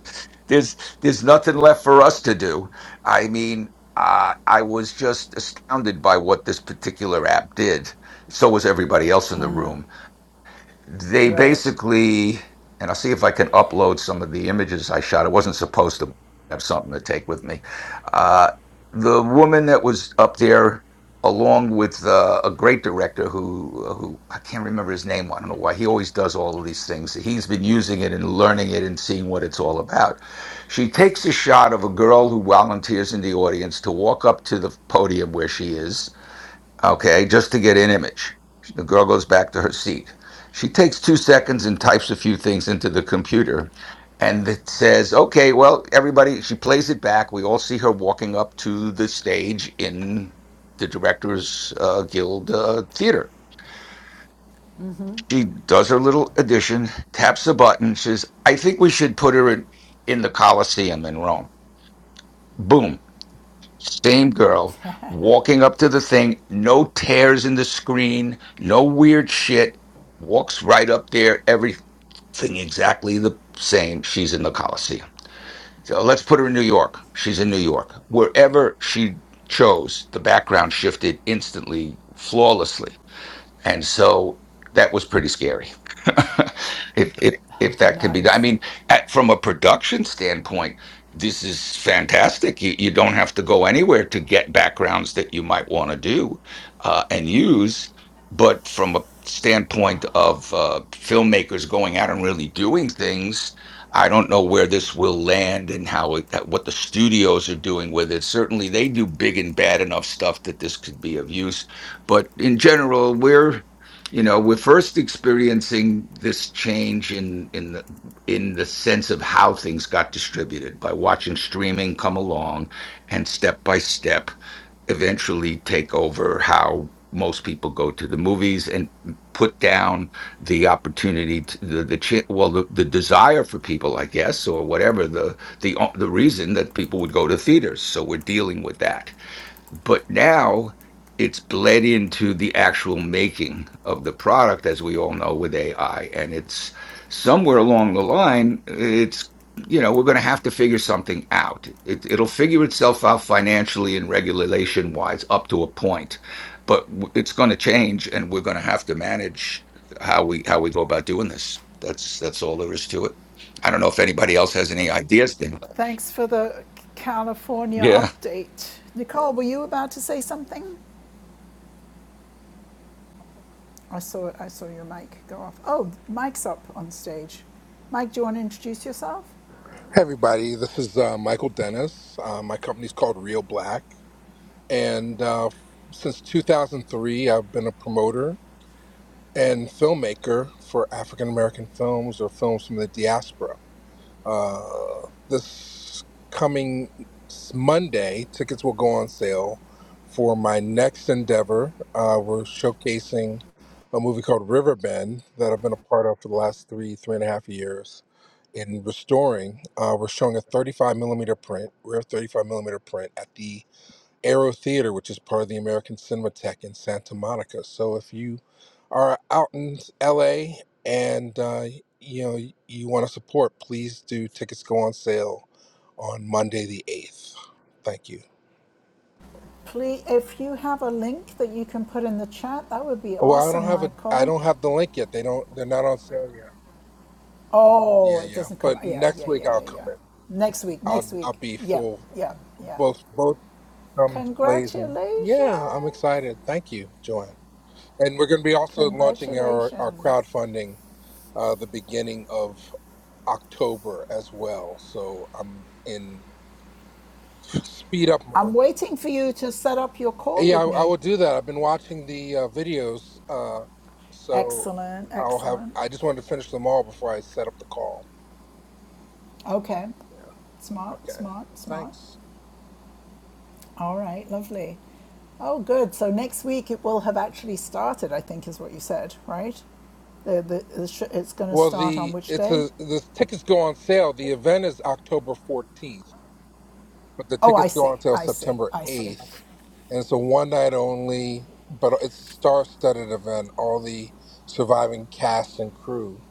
there's there's nothing left for us to do. I mean, uh, I was just astounded by what this particular app did. So was everybody else in the room. They Right. basically, and I'll see if I can upload some of the images I shot. I wasn't supposed to have something to take with me. Uh, the woman that was up there, along with uh, a great director who who I can't remember his name. I don't know why he always does all of these things. He's been using it and learning it and seeing what it's all about. She takes a shot of a girl who volunteers in the audience to walk up to the podium where she is okay, just to get an image. The girl goes back to her seat. She takes two seconds and types a few things into the computer and it says, okay, well, everybody, she plays it back. We all see her walking up to the stage in the Directors uh, Guild uh, Theater. She does her little addition, taps a button, says, I think we should put her in, in the Colosseum in Rome. Boom Same girl walking up to the thing, no tears in the screen, no weird shit. Walks right up there, everything exactly the same. She's in the Coliseum. So let's put her in New York. She's in New York. Wherever she chose, the background shifted instantly, flawlessly and so that was pretty scary if, if if that can be done i Nice. mean at, from a production standpoint this is fantastic you, you don't have to go anywhere to get backgrounds that you might want to do uh, and use but from a standpoint of uh, filmmakers going out and really doing things i don't know where this will land and how it, that, what the studios are doing with it certainly they do big and bad enough stuff that this could be of use but in general, we're you know we're first experiencing this change in in the in the sense of how things got distributed by watching streaming come along and step by step eventually take over how most people go to the movies and put down the opportunity to the, the cha- well the, the desire for people i guess or whatever the the the reason that people would go to theaters so we're dealing with that but now it's bled into the actual making of the product, as we all know with AI. And it's somewhere along the line, it's, you know, we're going to have to figure something out. It, it'll figure itself out financially and regulation wise up to a point, but w- it's going to change and we're going to have to manage how we, how we go about doing this. That's, that's all there is to it. I don't know if anybody else has any ideas. Then, Thanks for the California yeah. update. Nicole, were you about to say something? I saw I saw your mic go off. Oh, Mike's up on stage. Mike, do you want to introduce yourself? Hey everybody, this is uh, Michael Dennis. Uh, my company's called Real Black, and uh, since 2003, I've been a promoter and filmmaker for African American films or films from the diaspora. Uh, this coming s- Monday, tickets will go on sale for my next endeavor. Uh, we're showcasing a movie called Riverbend that I've been a part of for the last three, three and a half years in restoring. Uh, we're showing a 35 millimeter print, rare 35 millimeter print at the Aero Theater, which is part of the American Cinematheque in Santa Monica. So if you are out in LA and uh, you know you want to support, please do. Tickets go on sale on Monday the eighth. Thank you. Please, if you have a link that you can put in the chat, that would be Well, I don't awesome, have a I Michael. don't have the link yet. They don't. They're not on sale yet. Oh, Yeah, it yeah. doesn't come. But Yeah, next yeah, week yeah, I'll yeah, come yeah. in. Next week, I'll next week. I'll be Yeah, full. yeah, yeah. Both both comes blazing. Congratulations. Yeah, I'm excited. Thank you, Joanne. And we're going to be also launching our our Congratulations. crowdfunding uh, the beginning of October as well. So I'm in. Speed up I'm mode. waiting for you to set up your call Yeah, with I, I me. will do that. I've been watching the uh, videos, uh, so Excellent, I'll have. excellent. I just wanted to finish them all before I set up the call. Okay. Smart, Okay, smart, smart. thanks. All right, lovely. Oh, good. So next week it will have actually started, I think is what you said, right? The, the, the sh- it's going to Well, start on the which it's day? a the tickets go on sale. The event is October fourteenth, but the Oh, I tickets go see. on sale I see. September I see. eighth, and it's a one night only. But it's a star studded event. All the surviving cast and crew,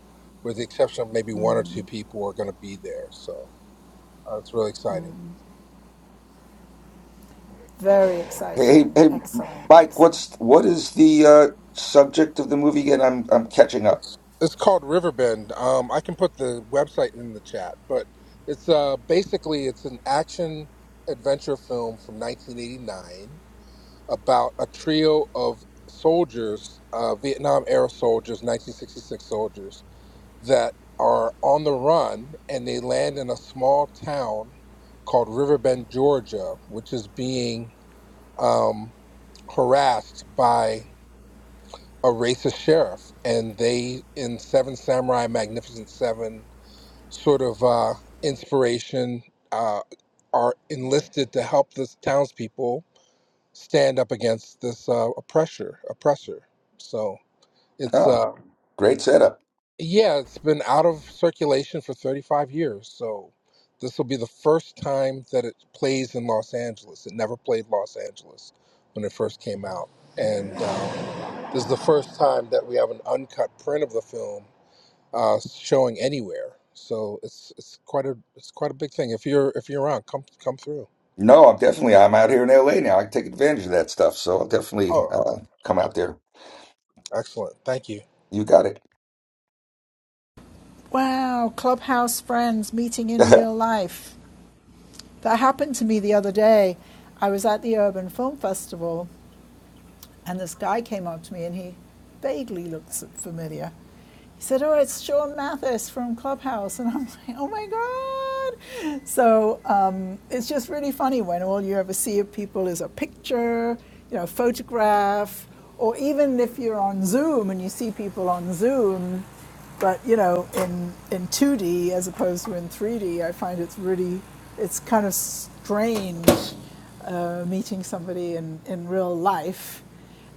with the exception of maybe one or two people, are going to be there. So uh, it's really exciting. Very Hey, exciting. hey, Excellent, Mike, excellent. what's what is the uh, subject of the movie again? I'm I'm catching up. It's called Riverbend. Um, I can put the website in the chat, but it's uh, basically it's an action adventure film from 1989 about a trio of soldiers, uh, Vietnam era soldiers, 1966 soldiers that are on the run, and they land in a small town called Riverbend, Georgia, which is being um, harassed by a racist sheriff, and they in Seven Samurai, Magnificent Seven, sort of uh, inspiration, uh, are enlisted to help the townspeople stand up against this uh, oppressor. Oppressor. So it's Oh, uh, great setup. yeah, it's been out of circulation for 35 years. So this will be the first time that it plays in Los Angeles. It never played Los Angeles when it first came out, and uh, this is the first time that we have an uncut print of the film uh, showing anywhere. So it's it's quite a it's quite a big thing. If you're if you're around, come come through. No, I'm definitely I'm out here in LA now. I can take advantage of that stuff, so I'll definitely Oh, uh, come out there. excellent. Thank you. You got it. Wow, clubhouse friends meeting in real life. That happened to me the other day. I was at the Urban Film Festival And this guy came up to me and he vaguely looked familiar. He said, Oh, it's Sean Mathis from Clubhouse. And I'm like, Oh my God. So um, it's just really funny when all you ever see of people is a picture, you know, photograph, or even if you're on Zoom and you see people on Zoom, but you know in in 2d as opposed to in 3d i find it's really it's kind of strange uh, meeting somebody in in real life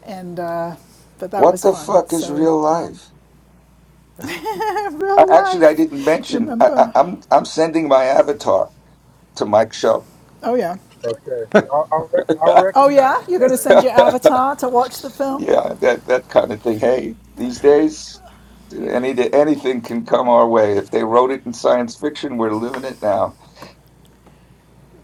and uh, but that What was the fun. fuck is So real um, life? I, real actually, I didn't life, you mention. I, I, remember? I'm I'm sending my avatar to Mike's show. Oh yeah, Okay, I'll I'll, rec- I'll oh recognize yeah. it, You're going to Gary, send your that way. avatar to watch the film. Yeah, that that kind of thing. Hey, these days, You, any anything can come our way. If they wrote it in science fiction, we're living it now.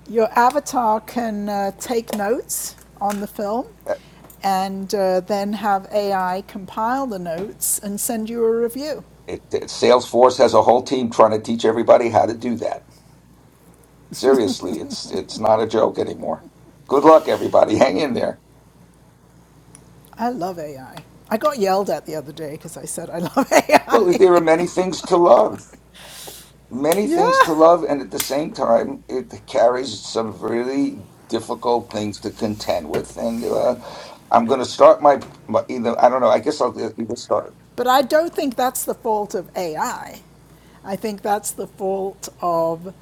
your avatar can uh, take notes on the film, Uh, and uh, then have AI compile the notes and send you a review. It, it, Salesforce has a whole team trying to teach everybody how to do that. Seriously, it's it's not a joke anymore. Good luck, everybody. Hang in there. I love AI. I I got yelled at the other day because I said I love Well, AI. there are many things to love. many things yeah. to love, and at the same time, it carries some really difficult things to contend with. And uh, I'm going to start my, my either I don't know. I guess I'll uh, either start. But I don't think that's the fault of AI. I I think that's the fault of,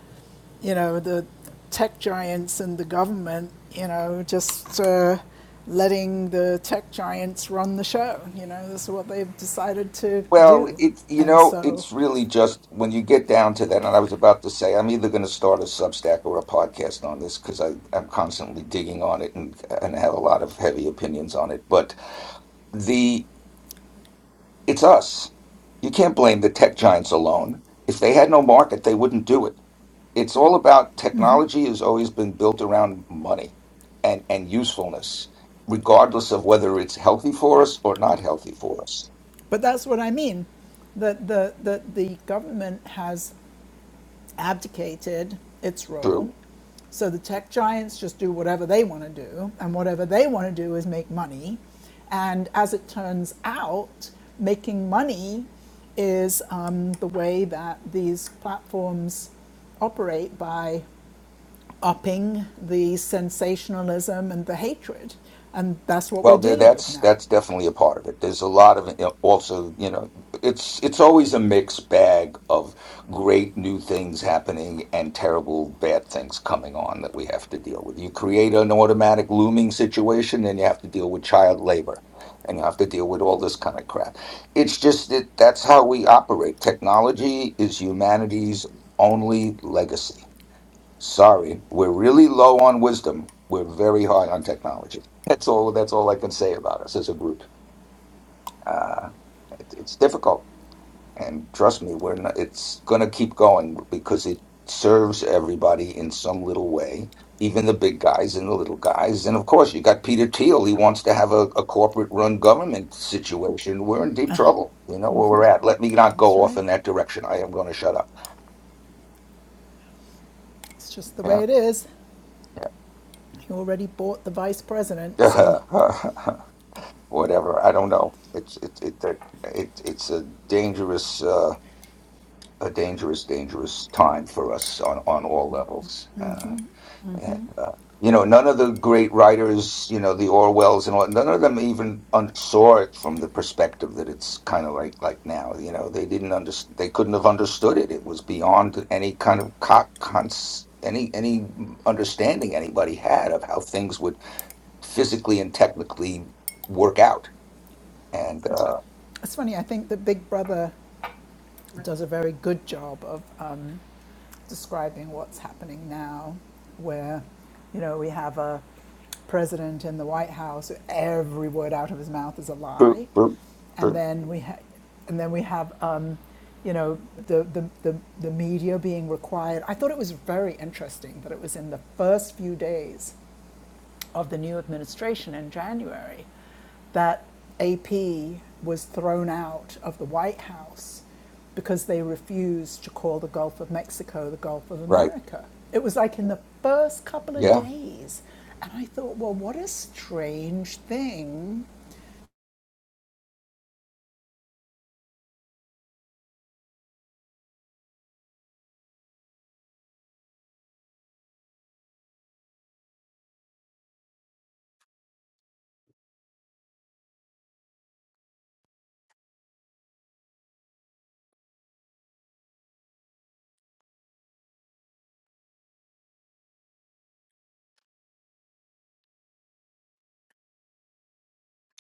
you know, the tech giants and the government, you know, just uh, letting the tech giants run the show. You know, this is what they've decided to Well, do. it's you And know, so, it's really just when you get down to that, and I was about to say, I'm either going to start a Substack or a podcast on this because I I'm constantly digging on it and and have a lot of heavy opinions on it. But the it's us. You can't blame the tech giants alone. If they had no market, they wouldn't do it. It's all about technology has always been built around money and and usefulness, regardless of whether it's healthy for us or not healthy for us. but that's what I mean that the, that the government has abdicated its True. role. So the tech giants just do whatever they want to do, and whatever they want to do is make money. And as it turns out, making money is um, the way that these platforms operate by upping the sensationalism and the hatred. And that's what we're Well, there, dealing with that's now. that's definitely a part of it. There's a lot of you know, also, you know, it's it's always a mixed bag of great new things happening and terrible bad things coming on that we have to deal with. You create an automatic looming situation, and you have to deal with child labor, and you have to deal with all this kind of crap. It's just that that's how we operate. Technology is humanity's only legacy Sorry, we're really low on wisdom. We're very high on technology. That's all. That's all I can say about us as a group. Uh, it, it's difficult, and trust me, we're not, it's going to keep going because it serves everybody in some little way, even the big guys and the little guys. And of course, you got Peter Thiel. He wants to have a, a corporate-run government situation. We're in deep trouble. You know where we're at. Let me not That's go off right. in that direction. I am going to shut up. It's just the Yeah, way it is. He already bought the vice president. So yeah. whatever. I don't know. It's it it that it it's a dangerous uh, a dangerous dangerous time for us on on all levels. Uh, and, uh, you know, none of the great writers, you know, the Orwells and all, none of them even un- saw it from the perspective that it's kind of like like now. You know, they didn't understand. They couldn't have understood it. It was beyond any kind of co- cons- any any understanding anybody had of how things would physically and technically work out. And uh, it's funny. I think that Big Brother does a very good job of um, describing what's happening now, where, you know, we have a president in the White House, every word out of his mouth is a Boop, lie, boop, and boop. then we ha- and then we have, um, you know, the, the, the, the media being required. I thought it was very interesting that it was in the first few days of the new administration in January that AP was thrown out of the White House because they refused to call the Gulf of Mexico the Gulf of Right. America. It was like in the first couple of Yeah. days. And I thought, well, what a strange thing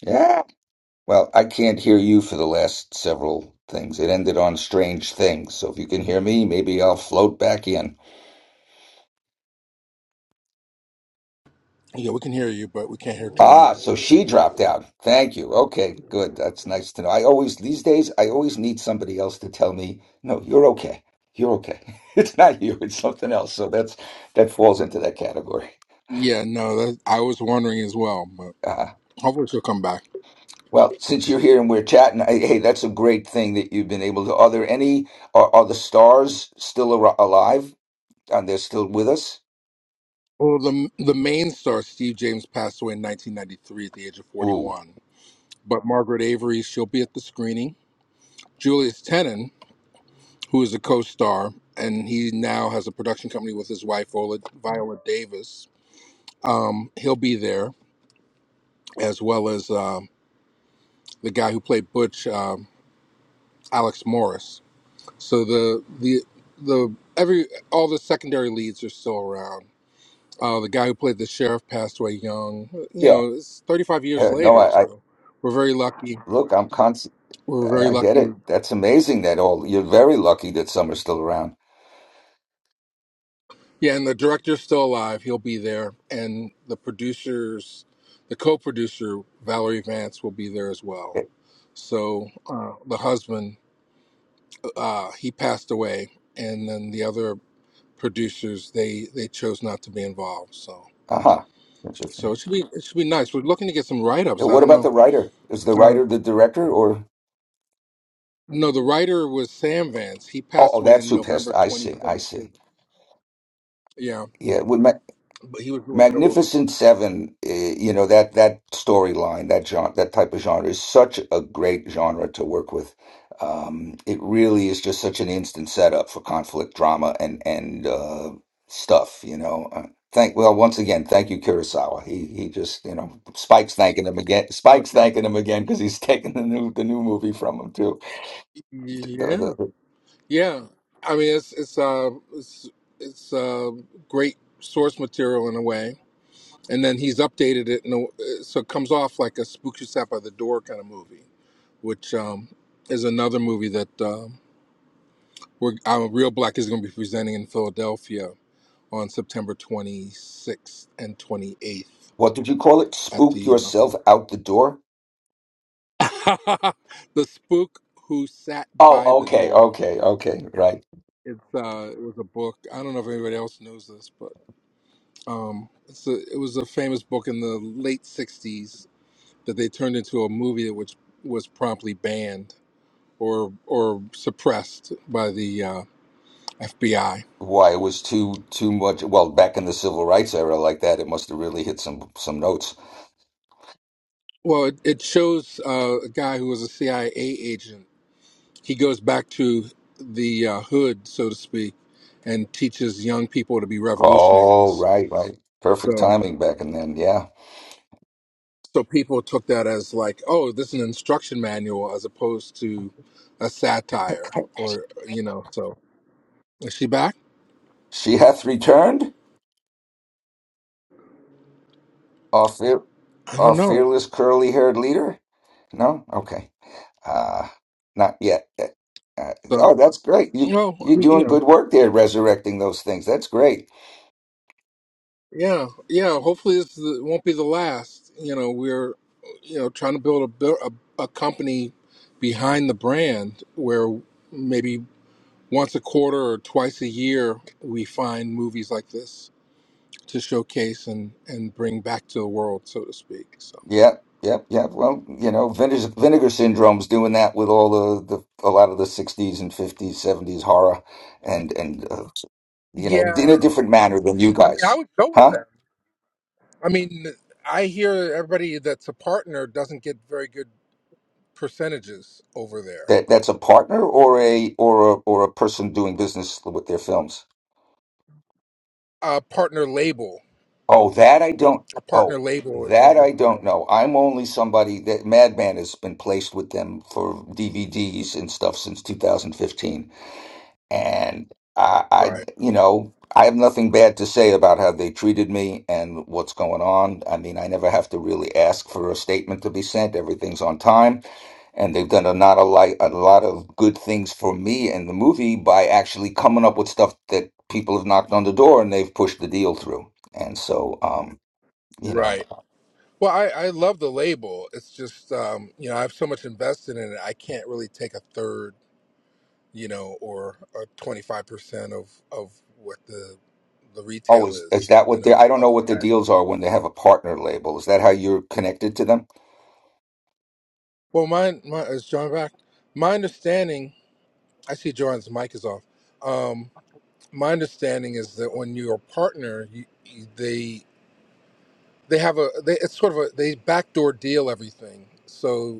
Yeah. Well, I can't hear you for the last several things. It ended on strange things. So if you can hear me, maybe I'll float back in. Yeah, we can hear you, but we can't hear Ah, Joanne. so she dropped out. Thank you. Okay, good. That's nice to know. I always, these days, I always need somebody else to tell me, no, you're okay. You're okay. It's not you, it's something else. So that's, that falls into that category. Yeah, no, that, I was wondering as well, but Uh, hopefully she'll come back. Well, since you're here and we're chatting, I, hey, that's a great thing that you've been able to. Are there any, are, are the stars still ar alive? And they're still with us? Well, the the main star Steve James passed away in 1993 at the age of Ooh, 41. But Margaret Avery, she'll be at the screening. Julius Tenen. who is a co-star, and he now has a production company with his wife Viola, Viola Davis. Um, he'll be there as well as um the guy who played Butch, um, Alex Morris. So the the the every all the secondary leads are still around. Uh, the guy who played the sheriff passed away young. You yeah. know, it's 35 years Yeah, No, later, I, I so we're very lucky. look, I'm constant. We're very I, I get lucky it. That's amazing that all, you're very lucky that some are still around. Yeah, and the director's still alive. He'll be there, and the producers, the co-producer Valerie Vance will be there as well. Eh. So uh, the husband, uh, he passed away, and then the other producers, they they chose not to be involved. So Uh-huh. so Interesting. it should be it should be nice. We're looking to get some write-ups. And I what don't about know. the writer? Is the Uh, writer the director or? no, the writer was Sam Vance. He Oh, passed oh away that's in who pissed. November I see. I 2022. see. Yeah, Yeah. With Ma- but he was a little bit older. Magnificent Seven, eh, you know, that, that storyline, that genre, that type of genre is such a great genre to work with. Um, it really is just such an instant setup for conflict, drama, and, and, uh, stuff, you know. Uh, thank, well, once again, thank you, Kurosawa. He, he just, you know, Spike's thanking him again. Oh, Spike's thanking definitely. him again because he's taking the new, the new movie from him, Yeah. too Yeah, I mean it's it's uh it's it's uh, great source material in a way, and then he's updated it, and so it comes off like a spook You sat by the door kind of movie, which um, is another movie that um, we're uh, Real Black is going to be presenting in Philadelphia on September 26th and 28th What did you call it? at Spooked the yourself out the door? uh, the spook who sat by Oh, the okay, door. okay, okay, right. It's uh, it was a book. I don't know if anybody else knows this, but. Um, it's a, it was a famous book in the late '60s that they turned into a movie, which was promptly banned or or suppressed by the uh, FBI. Why it was too too much. Well, back in the civil rights era, like that, it must have really hit some some notes. Well, it, it shows uh, a guy who was a CIA agent. He goes back to the uh, hood, so to speak, and teaches young people to be Oh, revolutionaries. right, right. Perfect So, timing back in then. Yeah, so people took that as like, oh, this is an instruction manual as opposed to a satire, or you know. So, is she back? she hath returned, our fear, I our don't know. fearless curly haired leader. No? Okay. Uh, not yet. Uh, uh, So, oh, that's great. You well, I you're mean, you doing good know, work there, resurrecting those things. That's great. yeah, yeah. Hopefully, this is, won't be the last. You know, we're, you know, trying to build a bu- a, a company behind the brand where maybe once a quarter or twice a year we find movies like this to showcase and and bring back to the world, so to speak. So, Yep, yep, yep. Well, you know, vinegar, vinegar syndrome's doing that with all the, the a lot of the '60s and '50s, '70s horror, and and uh, you know, in a yeah, different manner than you I mean, I guys, would go with huh? them. I mean, I hear everybody that's a partner doesn't get very good percentages over there. That that's a partner or a or a or a person doing business with their films. A partner label Oh, that I don't. a partner Oh, label with that Vinegar I don't Funeral. know. I'm only somebody that Madman has been placed with them for DVDs and stuff since 2015, and I, I, Right. you know, I have nothing bad to say about how they treated me and what's going on. I mean, I never have to really ask for a statement to be sent. Everything's on time, and they've done a not a lot, a lot of good things for me and the movie by actually coming up with stuff that people have knocked on the door and they've pushed the deal through. And so, um, you know Right. Well, I, I love the label. It's just, um, you know, I have so much invested in it. I can't really take a third, you know, or or twenty five percent of of what the the retail always is is is, that you what they know. i don't know Up. what the deals are when they have a partner label is that how you're connected to them Well, mine, my is John back. My understanding. I see John's mic is off. Um, my understanding is that when you're a partner, you, you, they they have a they, it's sort of a they backdoor deal everything. So